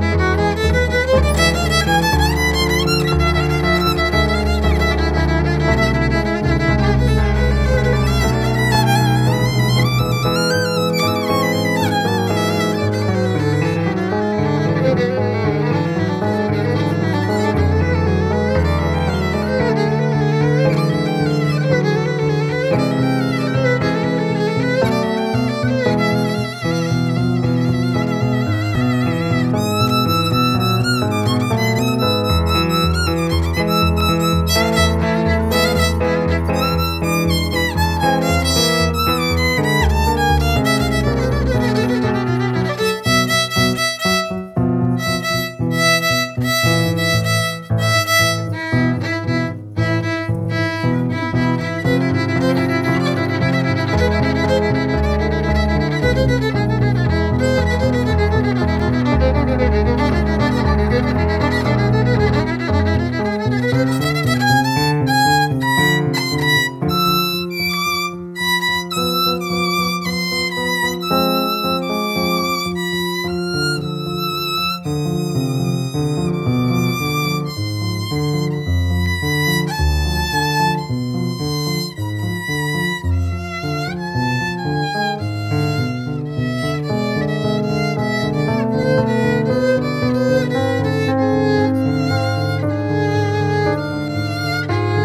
S4: Thank you. Thank you. Thank you.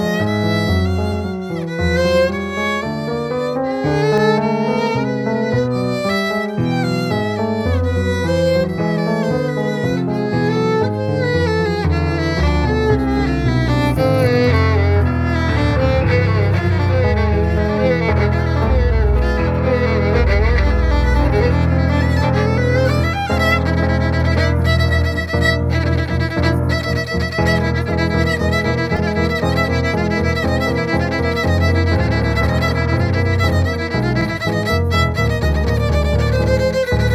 S4: Thank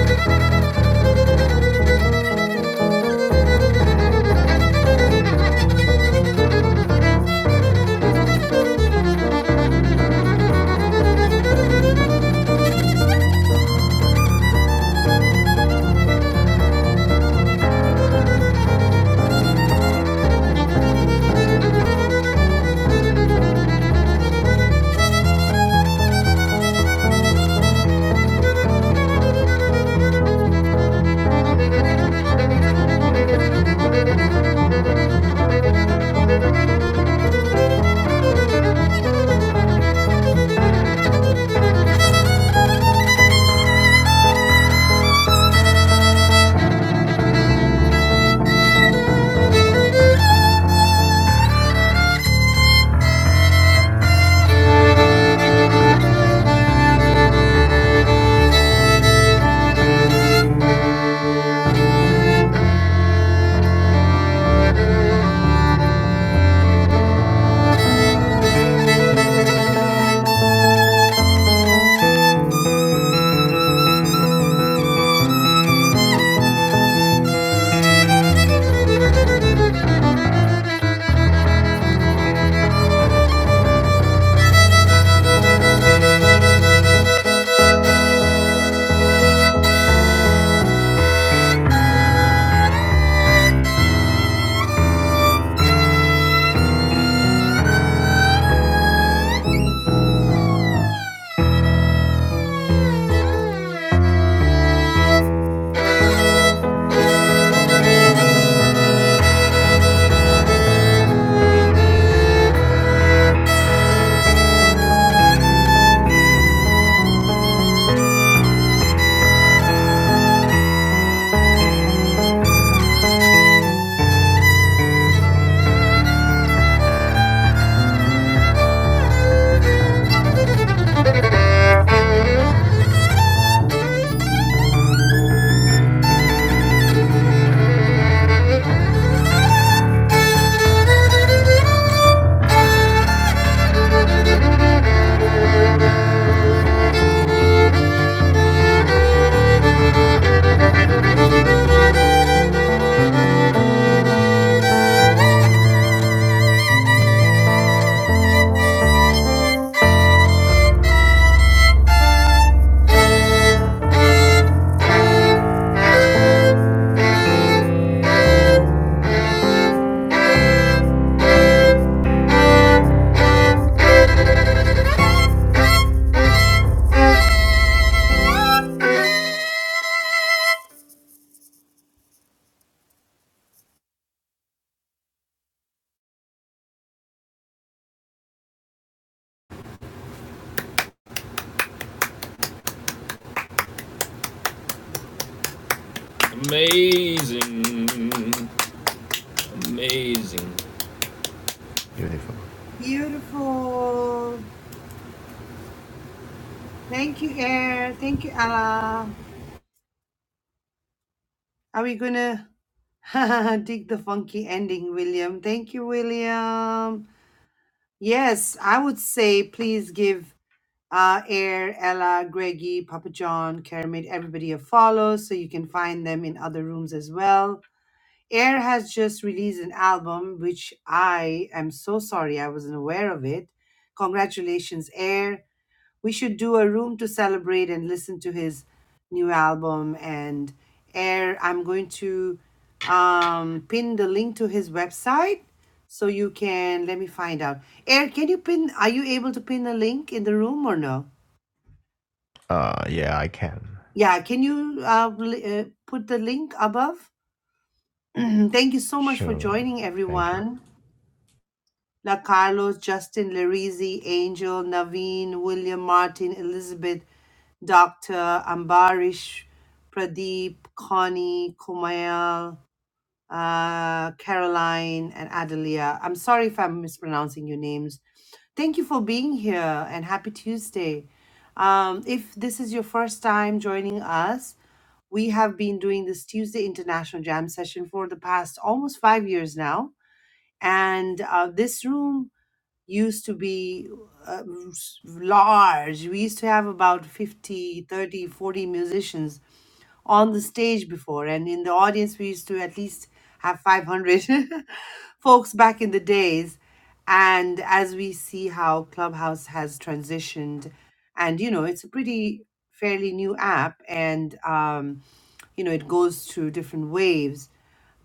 S4: you. Thank you. Thank you. Thank you. Thank
S1: Amazing. Amazing.
S5: beautiful.
S2: Beautiful. Thank you, Air. Thank you, Allah. Are we gonna dig the funky ending, William? Thank you, William. Yes, I would say please give uh, Air, Ella, Greggy, Papa John, Kermit, everybody a follow so you can find them in other rooms as well. Air has just released an album, which I am so sorry I wasn't aware of it. Congratulations, Air. we should do a room to celebrate and listen to his new album and air i'm going to um, pin the link to his website so you can let me find out air can you pin are you able to pin a link in the room or no
S5: Uh yeah, I can.
S2: yeah can you uh, li- uh, put the link above thank you so much for
S5: Sure.
S2: joining
S5: Thank you.
S2: everyone La Carlos, Justin Larizi, Angel, Naveen, William Martin, Elizabeth, Dr. Ambarish, Pradeep, Connie, Kumail, uh, Caroline, and Adelia. I'm sorry if I'm mispronouncing your names. Thank you for being here and happy Tuesday. Um, if this is your first time joining us, we have been doing this Tuesday International Jam session for the past almost five years now. And uh, this room used to be uh, s- large. We used to have about 50, 30, forty musicians on the stage before, and in the audience, we used to at least have 500 folks back in the days. And as we see how Clubhouse has transitioned, and you know, it's a pretty fairly new app, and um, you know, it goes through different waves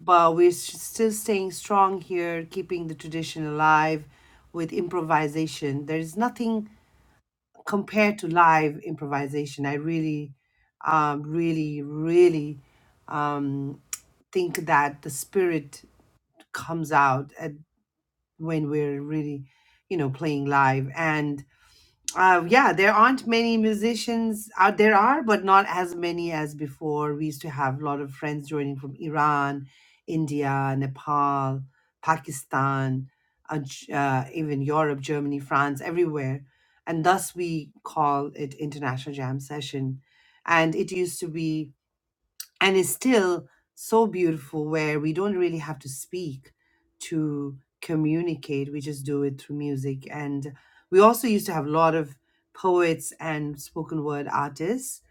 S2: but we're s- still staying strong here, keeping the tradition alive with improvisation. There is nothing compared to live improvisation. I really, um, really, really um, think that the spirit comes out at, when we're really, you know, playing live. And uh, yeah, there aren't many musicians out there are, but not as many as before. We used to have a lot of friends joining from Iran, India, Nepal, Pakistan, uh, J- uh, even Europe, Germany, France, everywhere. And thus we call it International Jam Session. And it used to be and is still so beautiful where we don't really have to speak to communicate we just do it through music and we also used to have a lot of poets and spoken word artists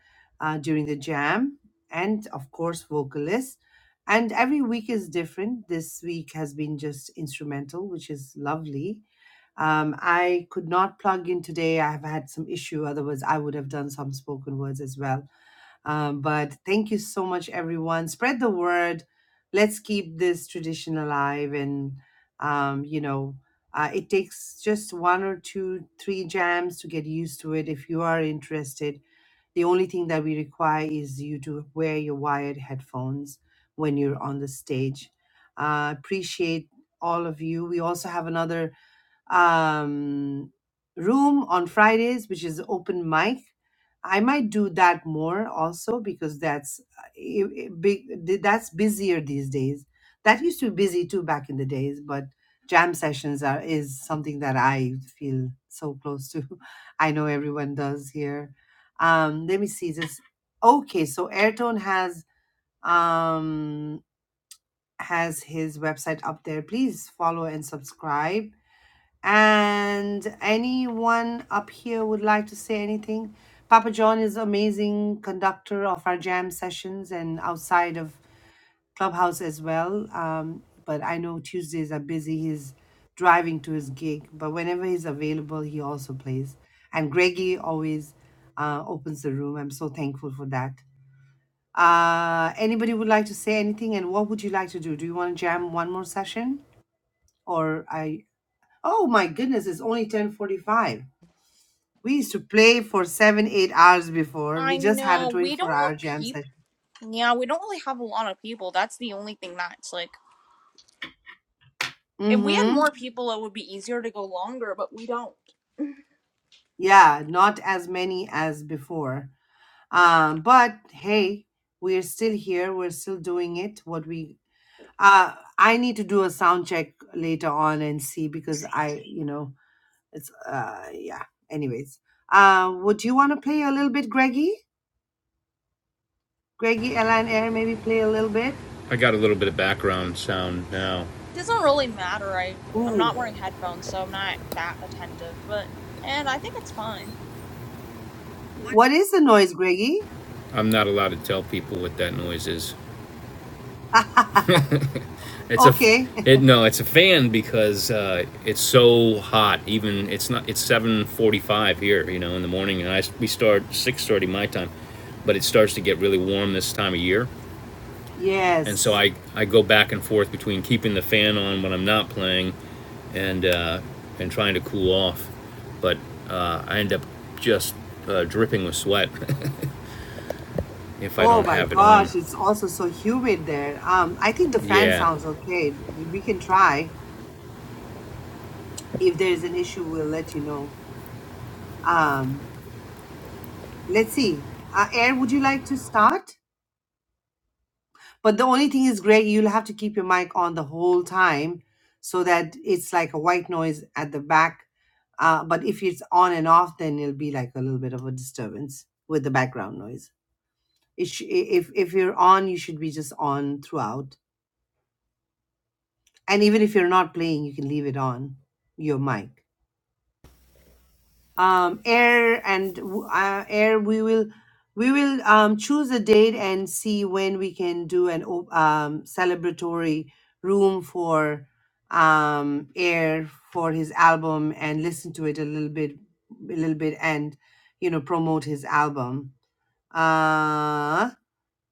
S2: uh, during the jam and of course vocalists and every week is different this week has been just instrumental which is lovely um, i could not plug in today i have had some issue otherwise i would have done some spoken words as well um, but thank you so much, everyone. Spread the word. Let's keep this tradition alive. And, um, you know, uh, it takes just one or two, three jams to get used to it if you are interested. The only thing that we require is you to wear your wired headphones when you're on the stage. Uh, appreciate all of you. We also have another um, room on Fridays, which is open mic. I might do that more also because that's uh, i- i- big. th- That's busier these days. That used to be busy too back in the days, but jam sessions are is something that I feel so close to. I know everyone does here. Um, let me see this. Okay, so Airtone has um has his website up there. Please follow and subscribe and anyone up here would like to say anything? Papa John is amazing conductor of our jam sessions and outside of Clubhouse as well. Um, but I know Tuesdays are busy. He's driving to his gig, but whenever he's available, he also plays. And Greggy always uh, opens the room. I'm so thankful for that. Uh, anybody would like to say anything? And what would you like to do? Do you want to jam one more session, or I? Oh my goodness! It's only ten forty-five. We used to play for seven, eight hours before. We just had a 24 hour jam session. Mm-hmm. Yeah, not as many as before. Um, but hey, we're still here. We're still doing it. What we, uh, I need to do a sound check later on and see because I, you know, it's, uh, yeah. Anyways, uh, would you want to play a little bit, Greggy? Greggy, Ella, and Air, maybe play a little bit.
S1: I got a little bit of background sound now.
S2: Ooh, what is the noise, Greggy?
S1: I'm not allowed to tell people what that noise is. It's a,
S2: okay,
S1: it no, it's a fan because uh, it's so hot. Even it's not. It's seven forty-five here, you know, in the morning, and I we start six thirty my time, but it starts to get really warm this time of year, and so
S2: Yes.
S1: I I go back and forth between keeping the fan on when I'm not playing and uh, and trying to cool off, but uh, I end up just uh, dripping with sweat if I
S2: Oh
S1: don't
S2: my
S1: have it on.
S2: gosh, it's also so humid there. Um, I think the fan
S1: Yeah.
S2: sounds okay. We can try. If there's an issue, we'll let you know. Um, let's see. Uh, Air, would you like to start? But the only thing is, Greg, you'll have to keep your mic on the whole time so that it's like a white noise at the back. Uh, but if it's on and off, then it'll be like a little bit of a disturbance with the background noise. It sh- i- if if you're on, you should be just on throughout and even if you're not playing you can leave it on your mic um air and w- uh, air we will we will um choose a date and see when we can do an op- um celebratory room for um air for his album and listen to it a little bit a little bit and you know promote his album uh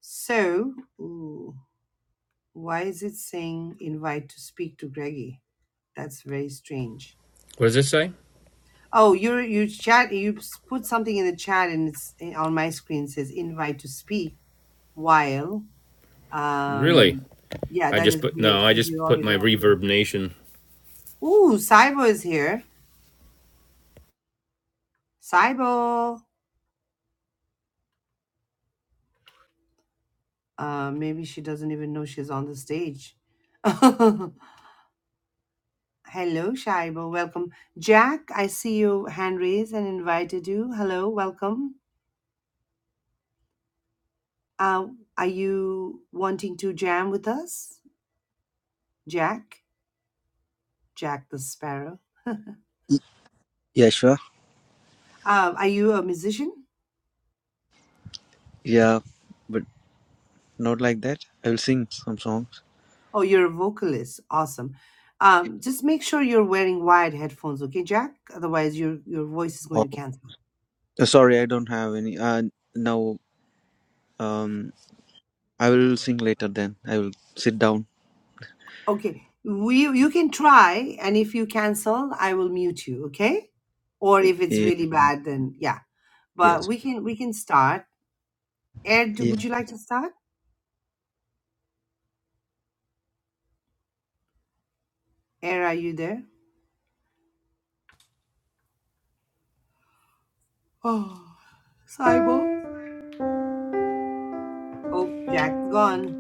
S2: so ooh, why is it saying invite to speak to greggy that's very strange
S1: What does this say?
S2: Oh, you you chat you s- put something in the chat and it's eh, on my screen says invite to speak while
S1: Really?
S2: um yeah
S1: I
S2: that
S1: just
S2: is
S1: put
S2: weird
S1: no. I
S2: because you
S1: just put
S2: already
S1: my
S2: up here.
S1: Reverb Nation
S2: Ooh, Saibo is here. Saibo. Uh maybe she doesn't even know she's on the stage. Hello, Shaibo. Welcome. Jack, I see you hand raised and invited you. Hello, welcome. Uh, are you wanting to jam with us? Jack? Jack the Sparrow.
S6: Yeah, sure.
S2: Um, are you a musician?
S6: Yeah, but not like that. I will sing some songs.
S2: Oh, you're a vocalist. Awesome. Um, just make sure you're wearing wired headphones, okay, Jack? Otherwise, your your voice is going
S6: Or
S2: to cancel.
S6: uh, sorry, I don't have any. Uh, now, um, I will sing later. Then I will sit down.
S2: Okay, we you can try, and if you cancel, I will mute you, okay? Or if it's
S6: Yeah,
S2: really bad, then yeah.
S6: yeah,
S2: But
S6: it's
S2: we
S6: okay.
S2: can we can start. Air, do,
S6: Yeah.
S2: would you like to start? Air, are you there? Oh, Saibo. Oh, Jack's gone.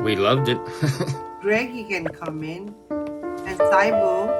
S1: We loved it.
S2: Greg, you can come in. And Saibo,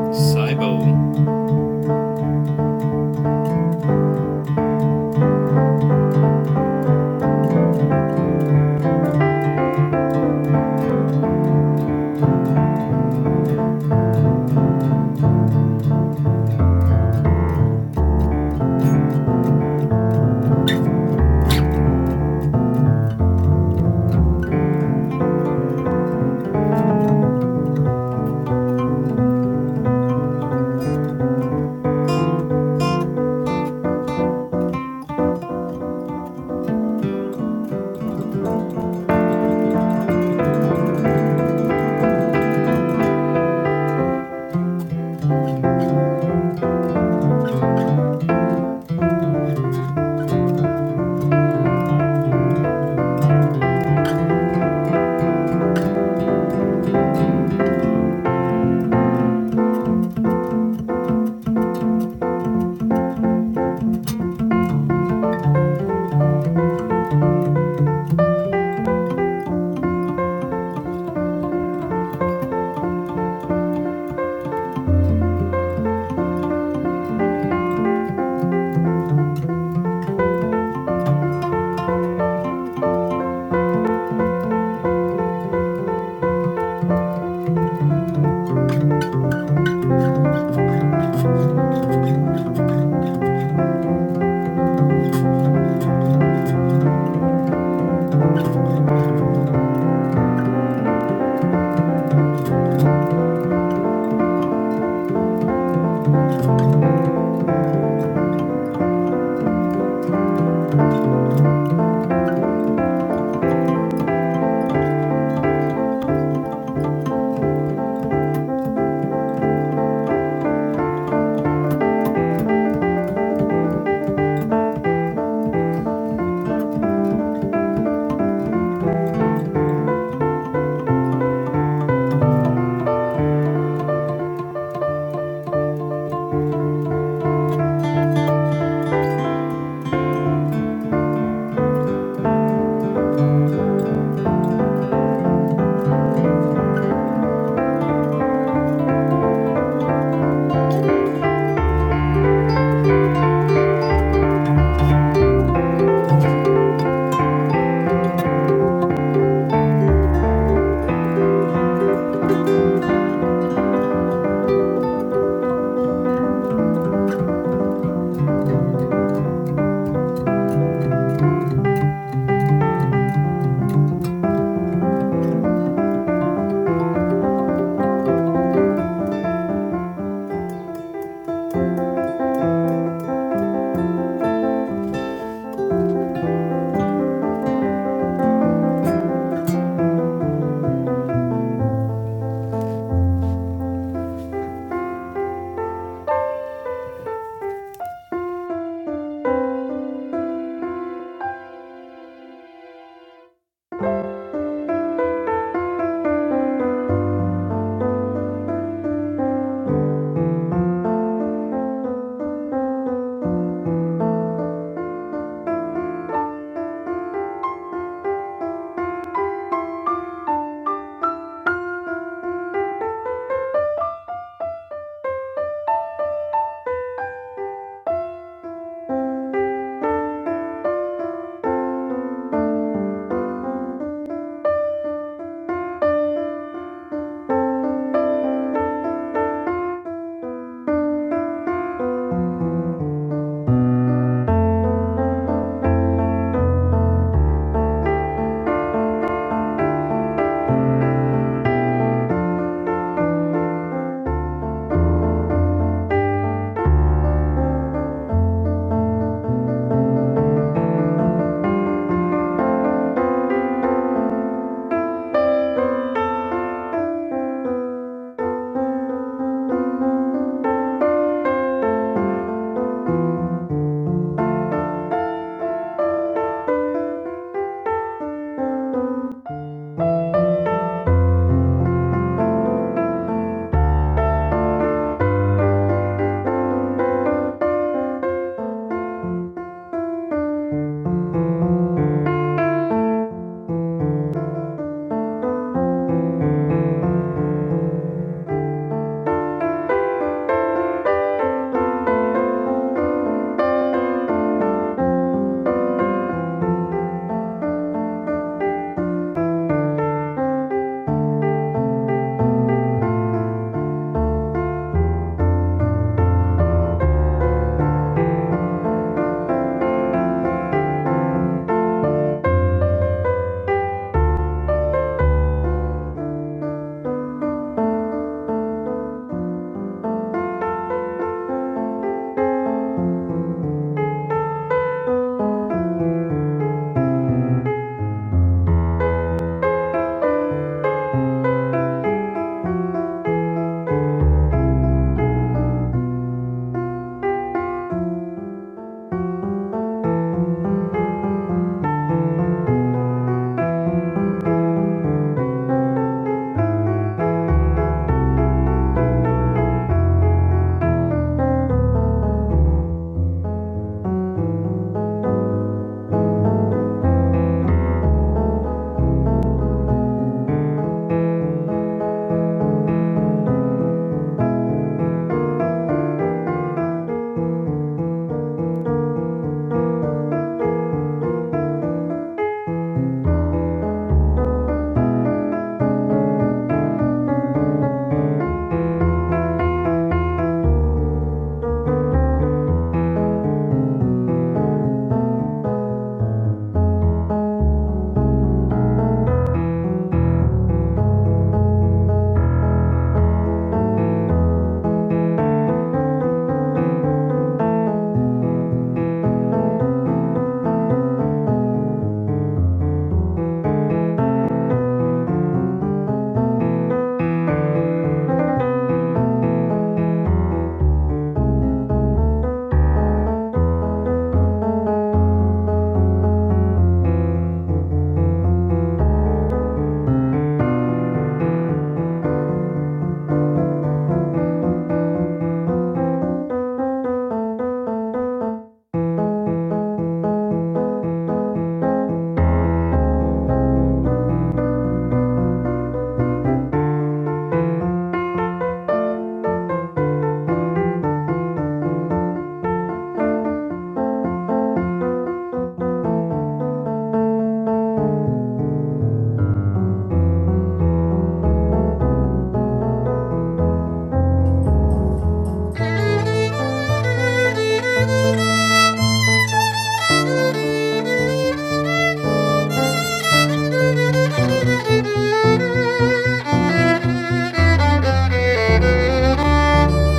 S1: Cybo.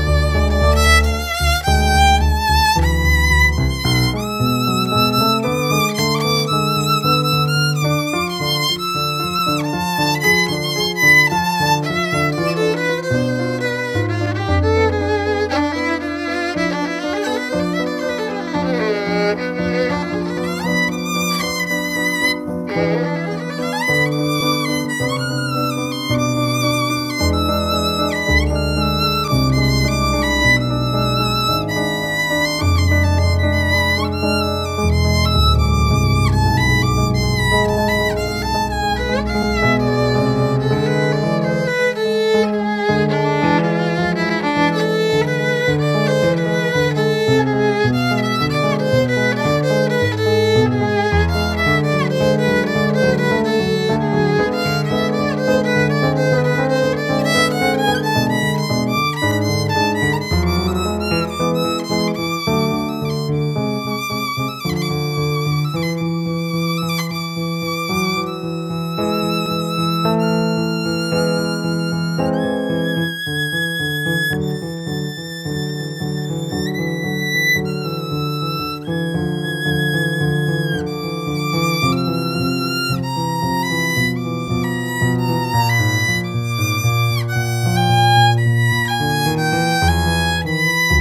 S4: you. Thank you.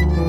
S4: Thank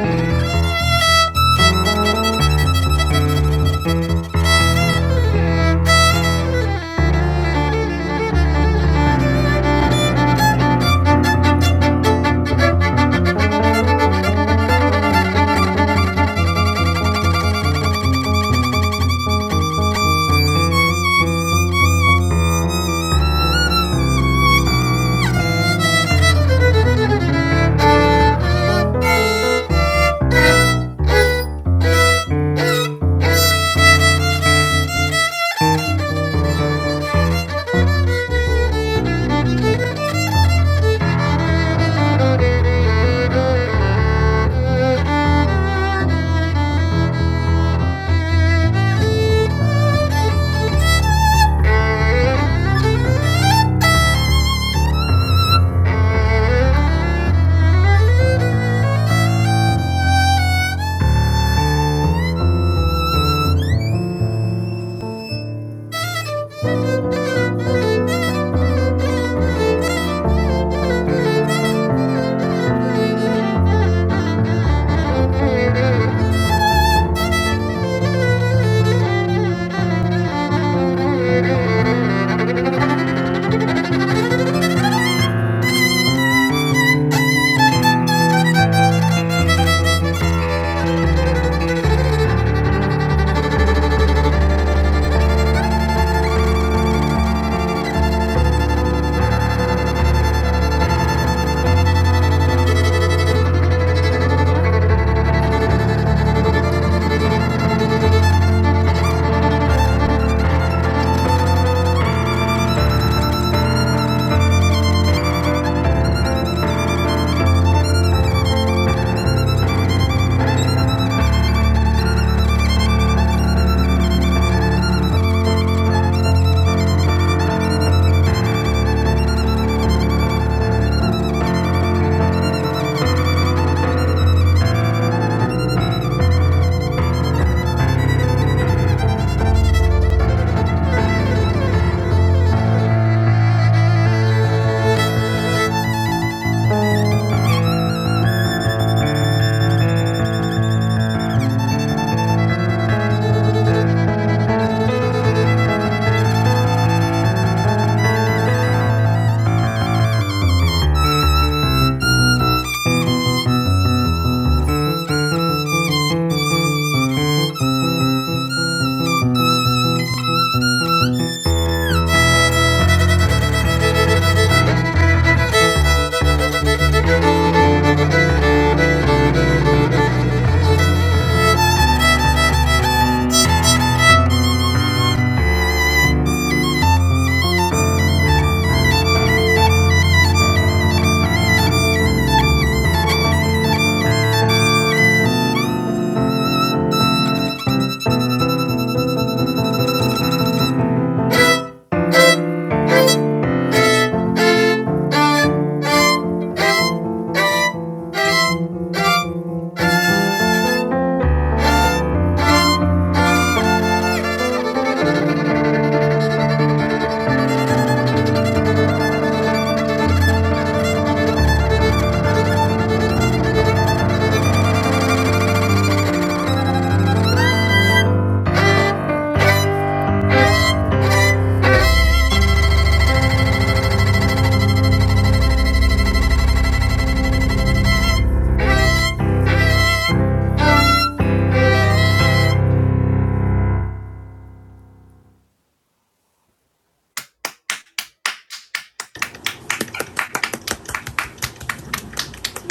S4: you. Thank you. Thank you.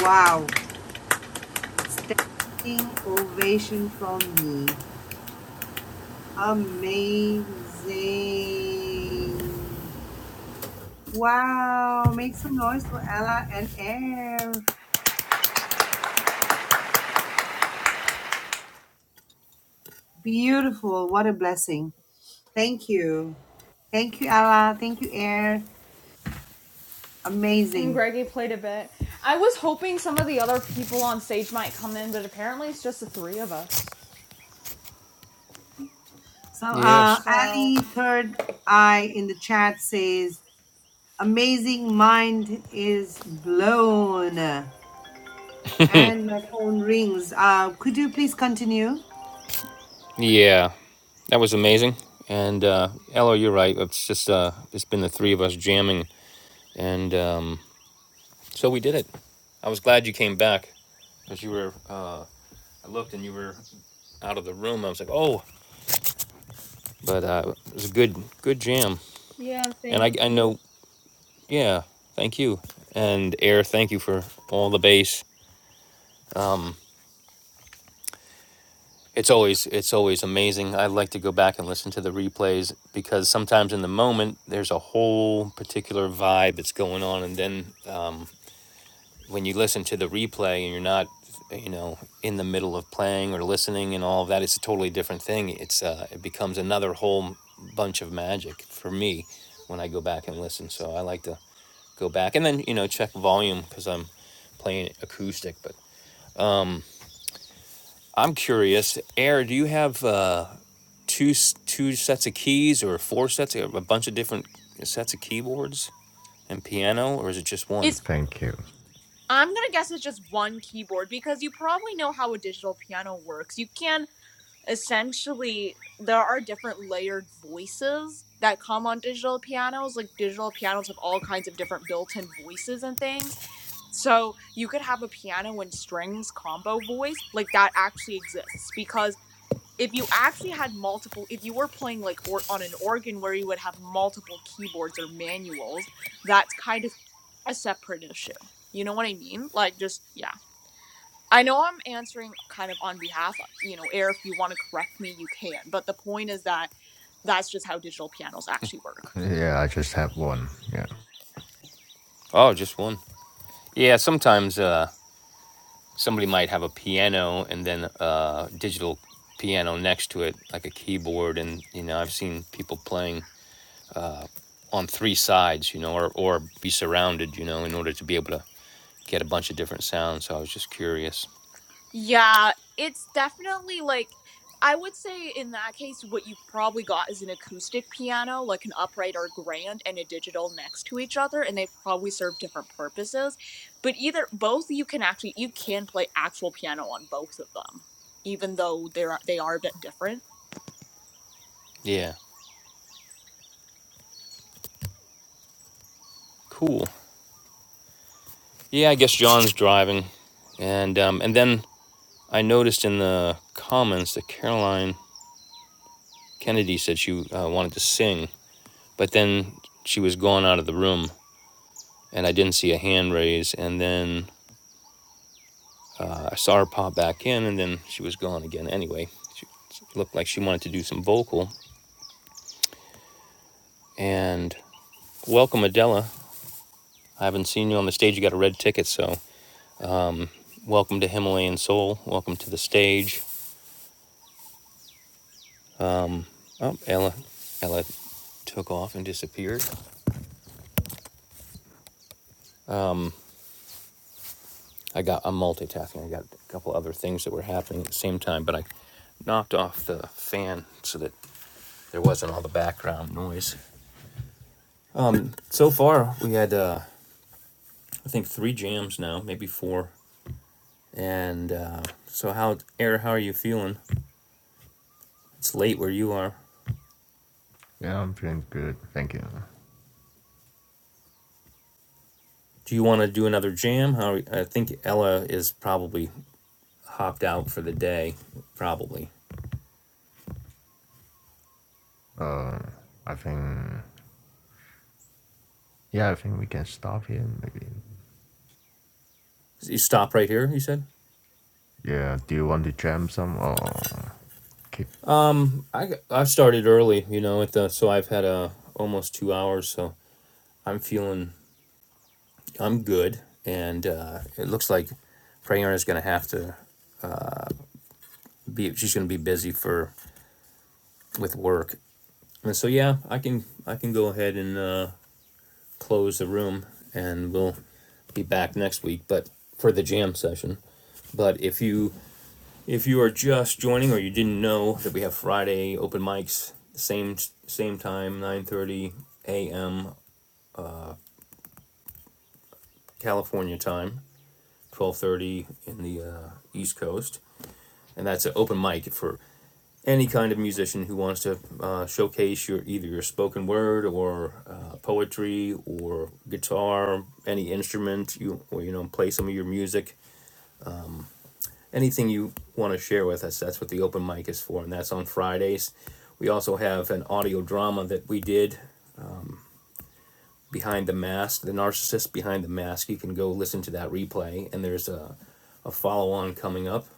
S2: wow. Standing ovation from me. Amazing. Wow. Make some noise for Ella and Air. Beautiful. What a blessing. Thank you. Thank you, Ella. Thank you, Air.
S4: and
S2: Amazing.
S4: Greggy played a bit. I was hoping some of the other people on stage might come in, but apparently it's just the three of us.
S2: So,
S1: Yes.
S2: uh,
S4: So
S2: Ali, third eye in the chat says, Amazing mind is blown. And my phone rings. Uh, could you please continue?
S1: Yeah, that was amazing. And uh, Ella, you're right. It's just uh, it's been the three of us jamming, and um, so we did it. I was glad you came back because you were. Uh, I looked and you were out of the room. I was like, oh, but uh, it was a good good jam. And I I know. Yeah, thank you. And Air, thank you for all the bass. Um. It's always it's always amazing. I like to go back and listen to the replays because sometimes in the moment there's a whole particular vibe that's going on, and then uh, when you listen to the replay and you're not, you know, in the middle of playing or listening and all of that, it's a totally different thing. It's uh, it becomes another whole bunch of magic for me when I go back and listen. So I like to go back and then you know check volume because I'm playing acoustic. But I'm curious, Air, do you have? Uh, two two sets of keys or four sets a bunch of different sets of keyboards and piano or is it just one?
S5: Thank you. Yeah, I just have one. Yeah.
S1: Oh, just one. Yeah, sometimes uh, somebody might have a piano and then uh, digital piano next to it, like a keyboard, and you know I've seen people playing on three sides, you know, or or be surrounded, you know, in order to be able to get a bunch of different sounds. So I was just curious. Yeah, cool. Yeah, I guess John's driving, and um, and then I noticed in the comments that Caroline Kennedy said she uh, wanted to sing, but then she was gone out of the room, and I didn't see a hand raise. And then uh, I saw her pop back in, and then she was gone again. Anyway, she looked like she wanted to do some vocal. And welcome, Adela. I haven't seen you on the stage. You got a red ticket, so welcome to Himalayan Soul. Welcome to the stage. Oh, Ella, Ella took off and disappeared. I got I'm multitasking. I got a couple other things that were happening at the same time, but I knocked off the fan so that there wasn't all the background noise. So far, we had uh, I think three jams now, maybe four. And uh, so, how Eric, How are you feeling? It's late where you are.
S5: Yeah, I'm feeling good. Thank you.
S1: Do you want to do another jam? How are, I think Ella is probably hopped out for the day. Probably.
S5: Uh, I think yeah, I think we can stop here maybe.
S1: You stop right here. You said.
S5: Yeah. Do you want to jam some or keep?
S1: I I started early, you know, at the so I've had uh, almost two hours, so I'm feeling I'm good, and uh, it looks like Prayer is going to have to be. She's going to be busy for with work, and so yeah, I can I can go ahead and uh, close the room, and we'll be back next week, but for the jam session. But if you if you are just joining or you didn't know that we have Friday open mics, same same time, nine thirty a.m. California time, twelve thirty in the uh, East Coast, and that's an open mic for any kind of musician who wants to uh, showcase your either your spoken word or uh, poetry or guitar, any instrument you or you know play some of your music, anything you want to share with us. That's what the open mic is for, and that's on Fridays. We also have an audio drama that we did behind the mask, the narcissist behind the mask. You can go listen to that replay, and there's a a follow on coming up.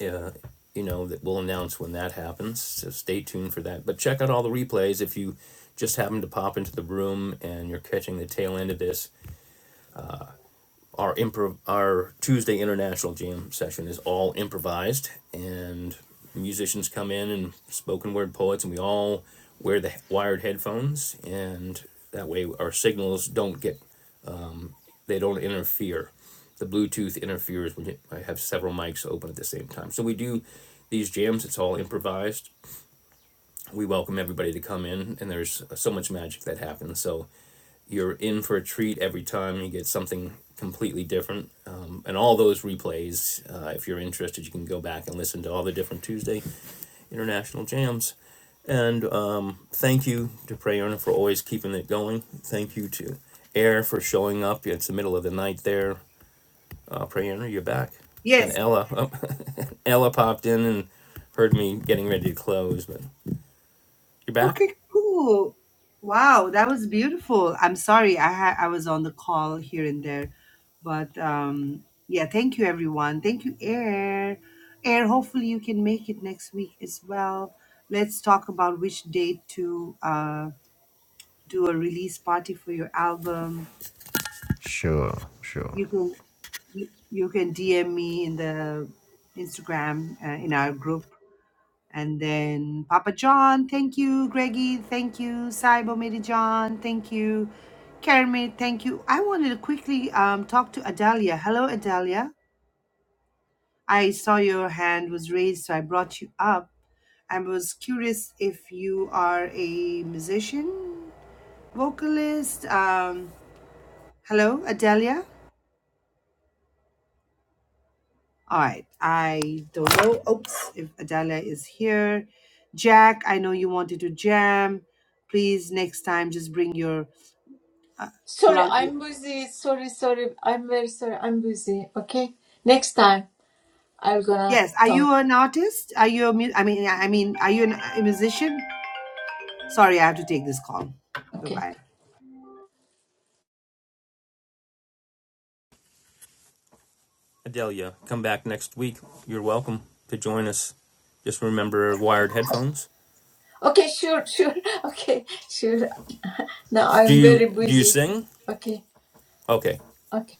S1: uh, you know, that we'll announce when that happens. So stay tuned for that. But check out all the replays if you just happen to pop into the room and you're catching the tail end of this. Our improv, our Tuesday international jam session is all improvised, and musicians come in and spoken word poets, and we all wear the wired headphones, and that way our signals don't get they don't interfere. The Bluetooth interferes when I have several mics open at the same time. So we do these jams. It's all improvised. We welcome everybody to come in, and there's so much magic that happens. So you're in for a treat every time. You get something completely different. Um, and all those replays, uh, if you're interested, you can go back and listen to all the different Tuesday international jams. And uh, thank you to Prayerna for always keeping it going. Thank you to Air for showing up. It's the middle of the night there. Uh, Prayerna, you're back. And
S2: Yes.
S1: Ella, oh, Ella popped in and heard me getting ready to close, but you're back.
S2: Okay, cool. Wow, that was beautiful. I'm sorry, I ha- I was on the call here and there, but um, yeah, thank you everyone. Thank you, Air. Air, hopefully you can make it next week as well. Let's talk about which date to uh do a release party for your album.
S5: Sure. Sure.
S2: You can you, you can DM me in the Instagram uh, in our group And then Papa John, thank you. Greggy, thank you. Saibo Mary John, thank you. Kermit, thank you. I wanted to quickly um, talk to Adalia. Hello, Adalia. I saw your hand was raised, so I brought you up. I was curious if you are a musician, vocalist. Um, hello, Adalia. All right. I don't know. Oops, if Adalia is here. Jack, I know you wanted to jam. Please, next time, just bring your uh,
S7: Sorry,
S2: plug.
S7: I'm busy. Sorry, sorry. I'm very sorry. I'm busy. Okay. Next time I'm gonna
S2: Yes. Are
S7: talk.
S2: you an artist? Are you a mu- I mean, I mean, are you an, a musician? Sorry, I have to take this call. Bye
S7: Okay.
S2: bye.
S1: Adelia, come back next week. You're welcome to join us. Just remember wired headphones.
S7: Okay, sure, sure. Okay, sure. Now
S1: Do
S7: I'm
S1: you
S7: very
S1: do you
S7: busy.
S1: sing?
S7: Okay.
S1: Okay.
S7: Okay.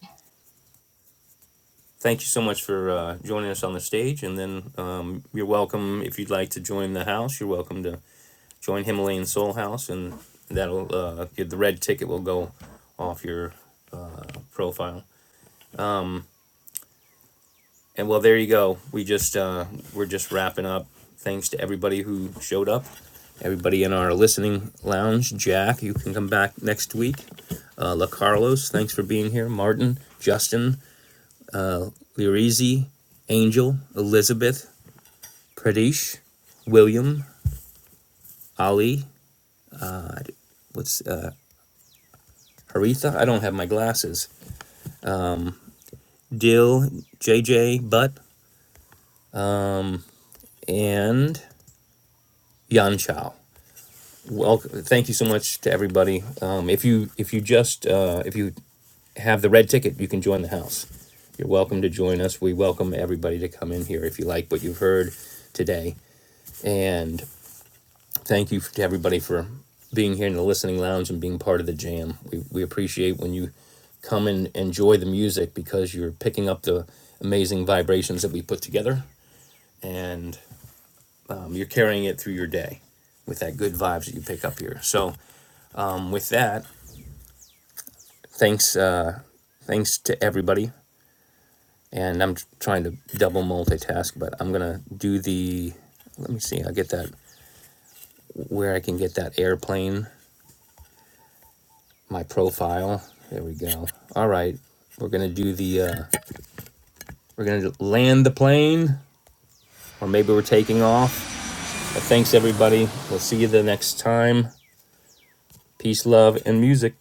S1: Thank you so much for uh, joining us on the stage, and then um, you're welcome if you'd like to join the house. You're welcome to join Himalayan Soul House, and that'll uh, the red ticket will go off your profile. And well, there you go. We just uh, we're just wrapping up. Thanks to everybody who showed up, everybody in our listening lounge. Jack, you can come back next week. Uh, La Carlos, thanks for being here. Martin, Justin, Lirizi, Angel, Elizabeth, Pradesh, William, Ali. What's uh, Haritha? I don't have my glasses. Dill, J J, Butt, and Yan Chao. Well, thank you so much to everybody. Um, if you if you just uh, if you have the red ticket, you can join the house. You're welcome to join us. We welcome everybody to come in here if you like what you've heard today. And thank you to everybody for being here in the listening lounge and being part of the jam. We we appreciate when you come and enjoy the music because you're picking up the amazing vibrations that we put together and um, you're carrying it through your day with that good vibes that you pick up here. So, um, with that, Thanks, uh, thanks to everybody. And I'm trying to double multitask, but I'm gonna do the. Let me see. I'll get that where I can get that airplane. My profile. There we go. All right, we're gonna do the. Uh, we're gonna land the plane, or maybe we're taking off. But thanks everybody. We'll see you the next time. Peace, love, and music.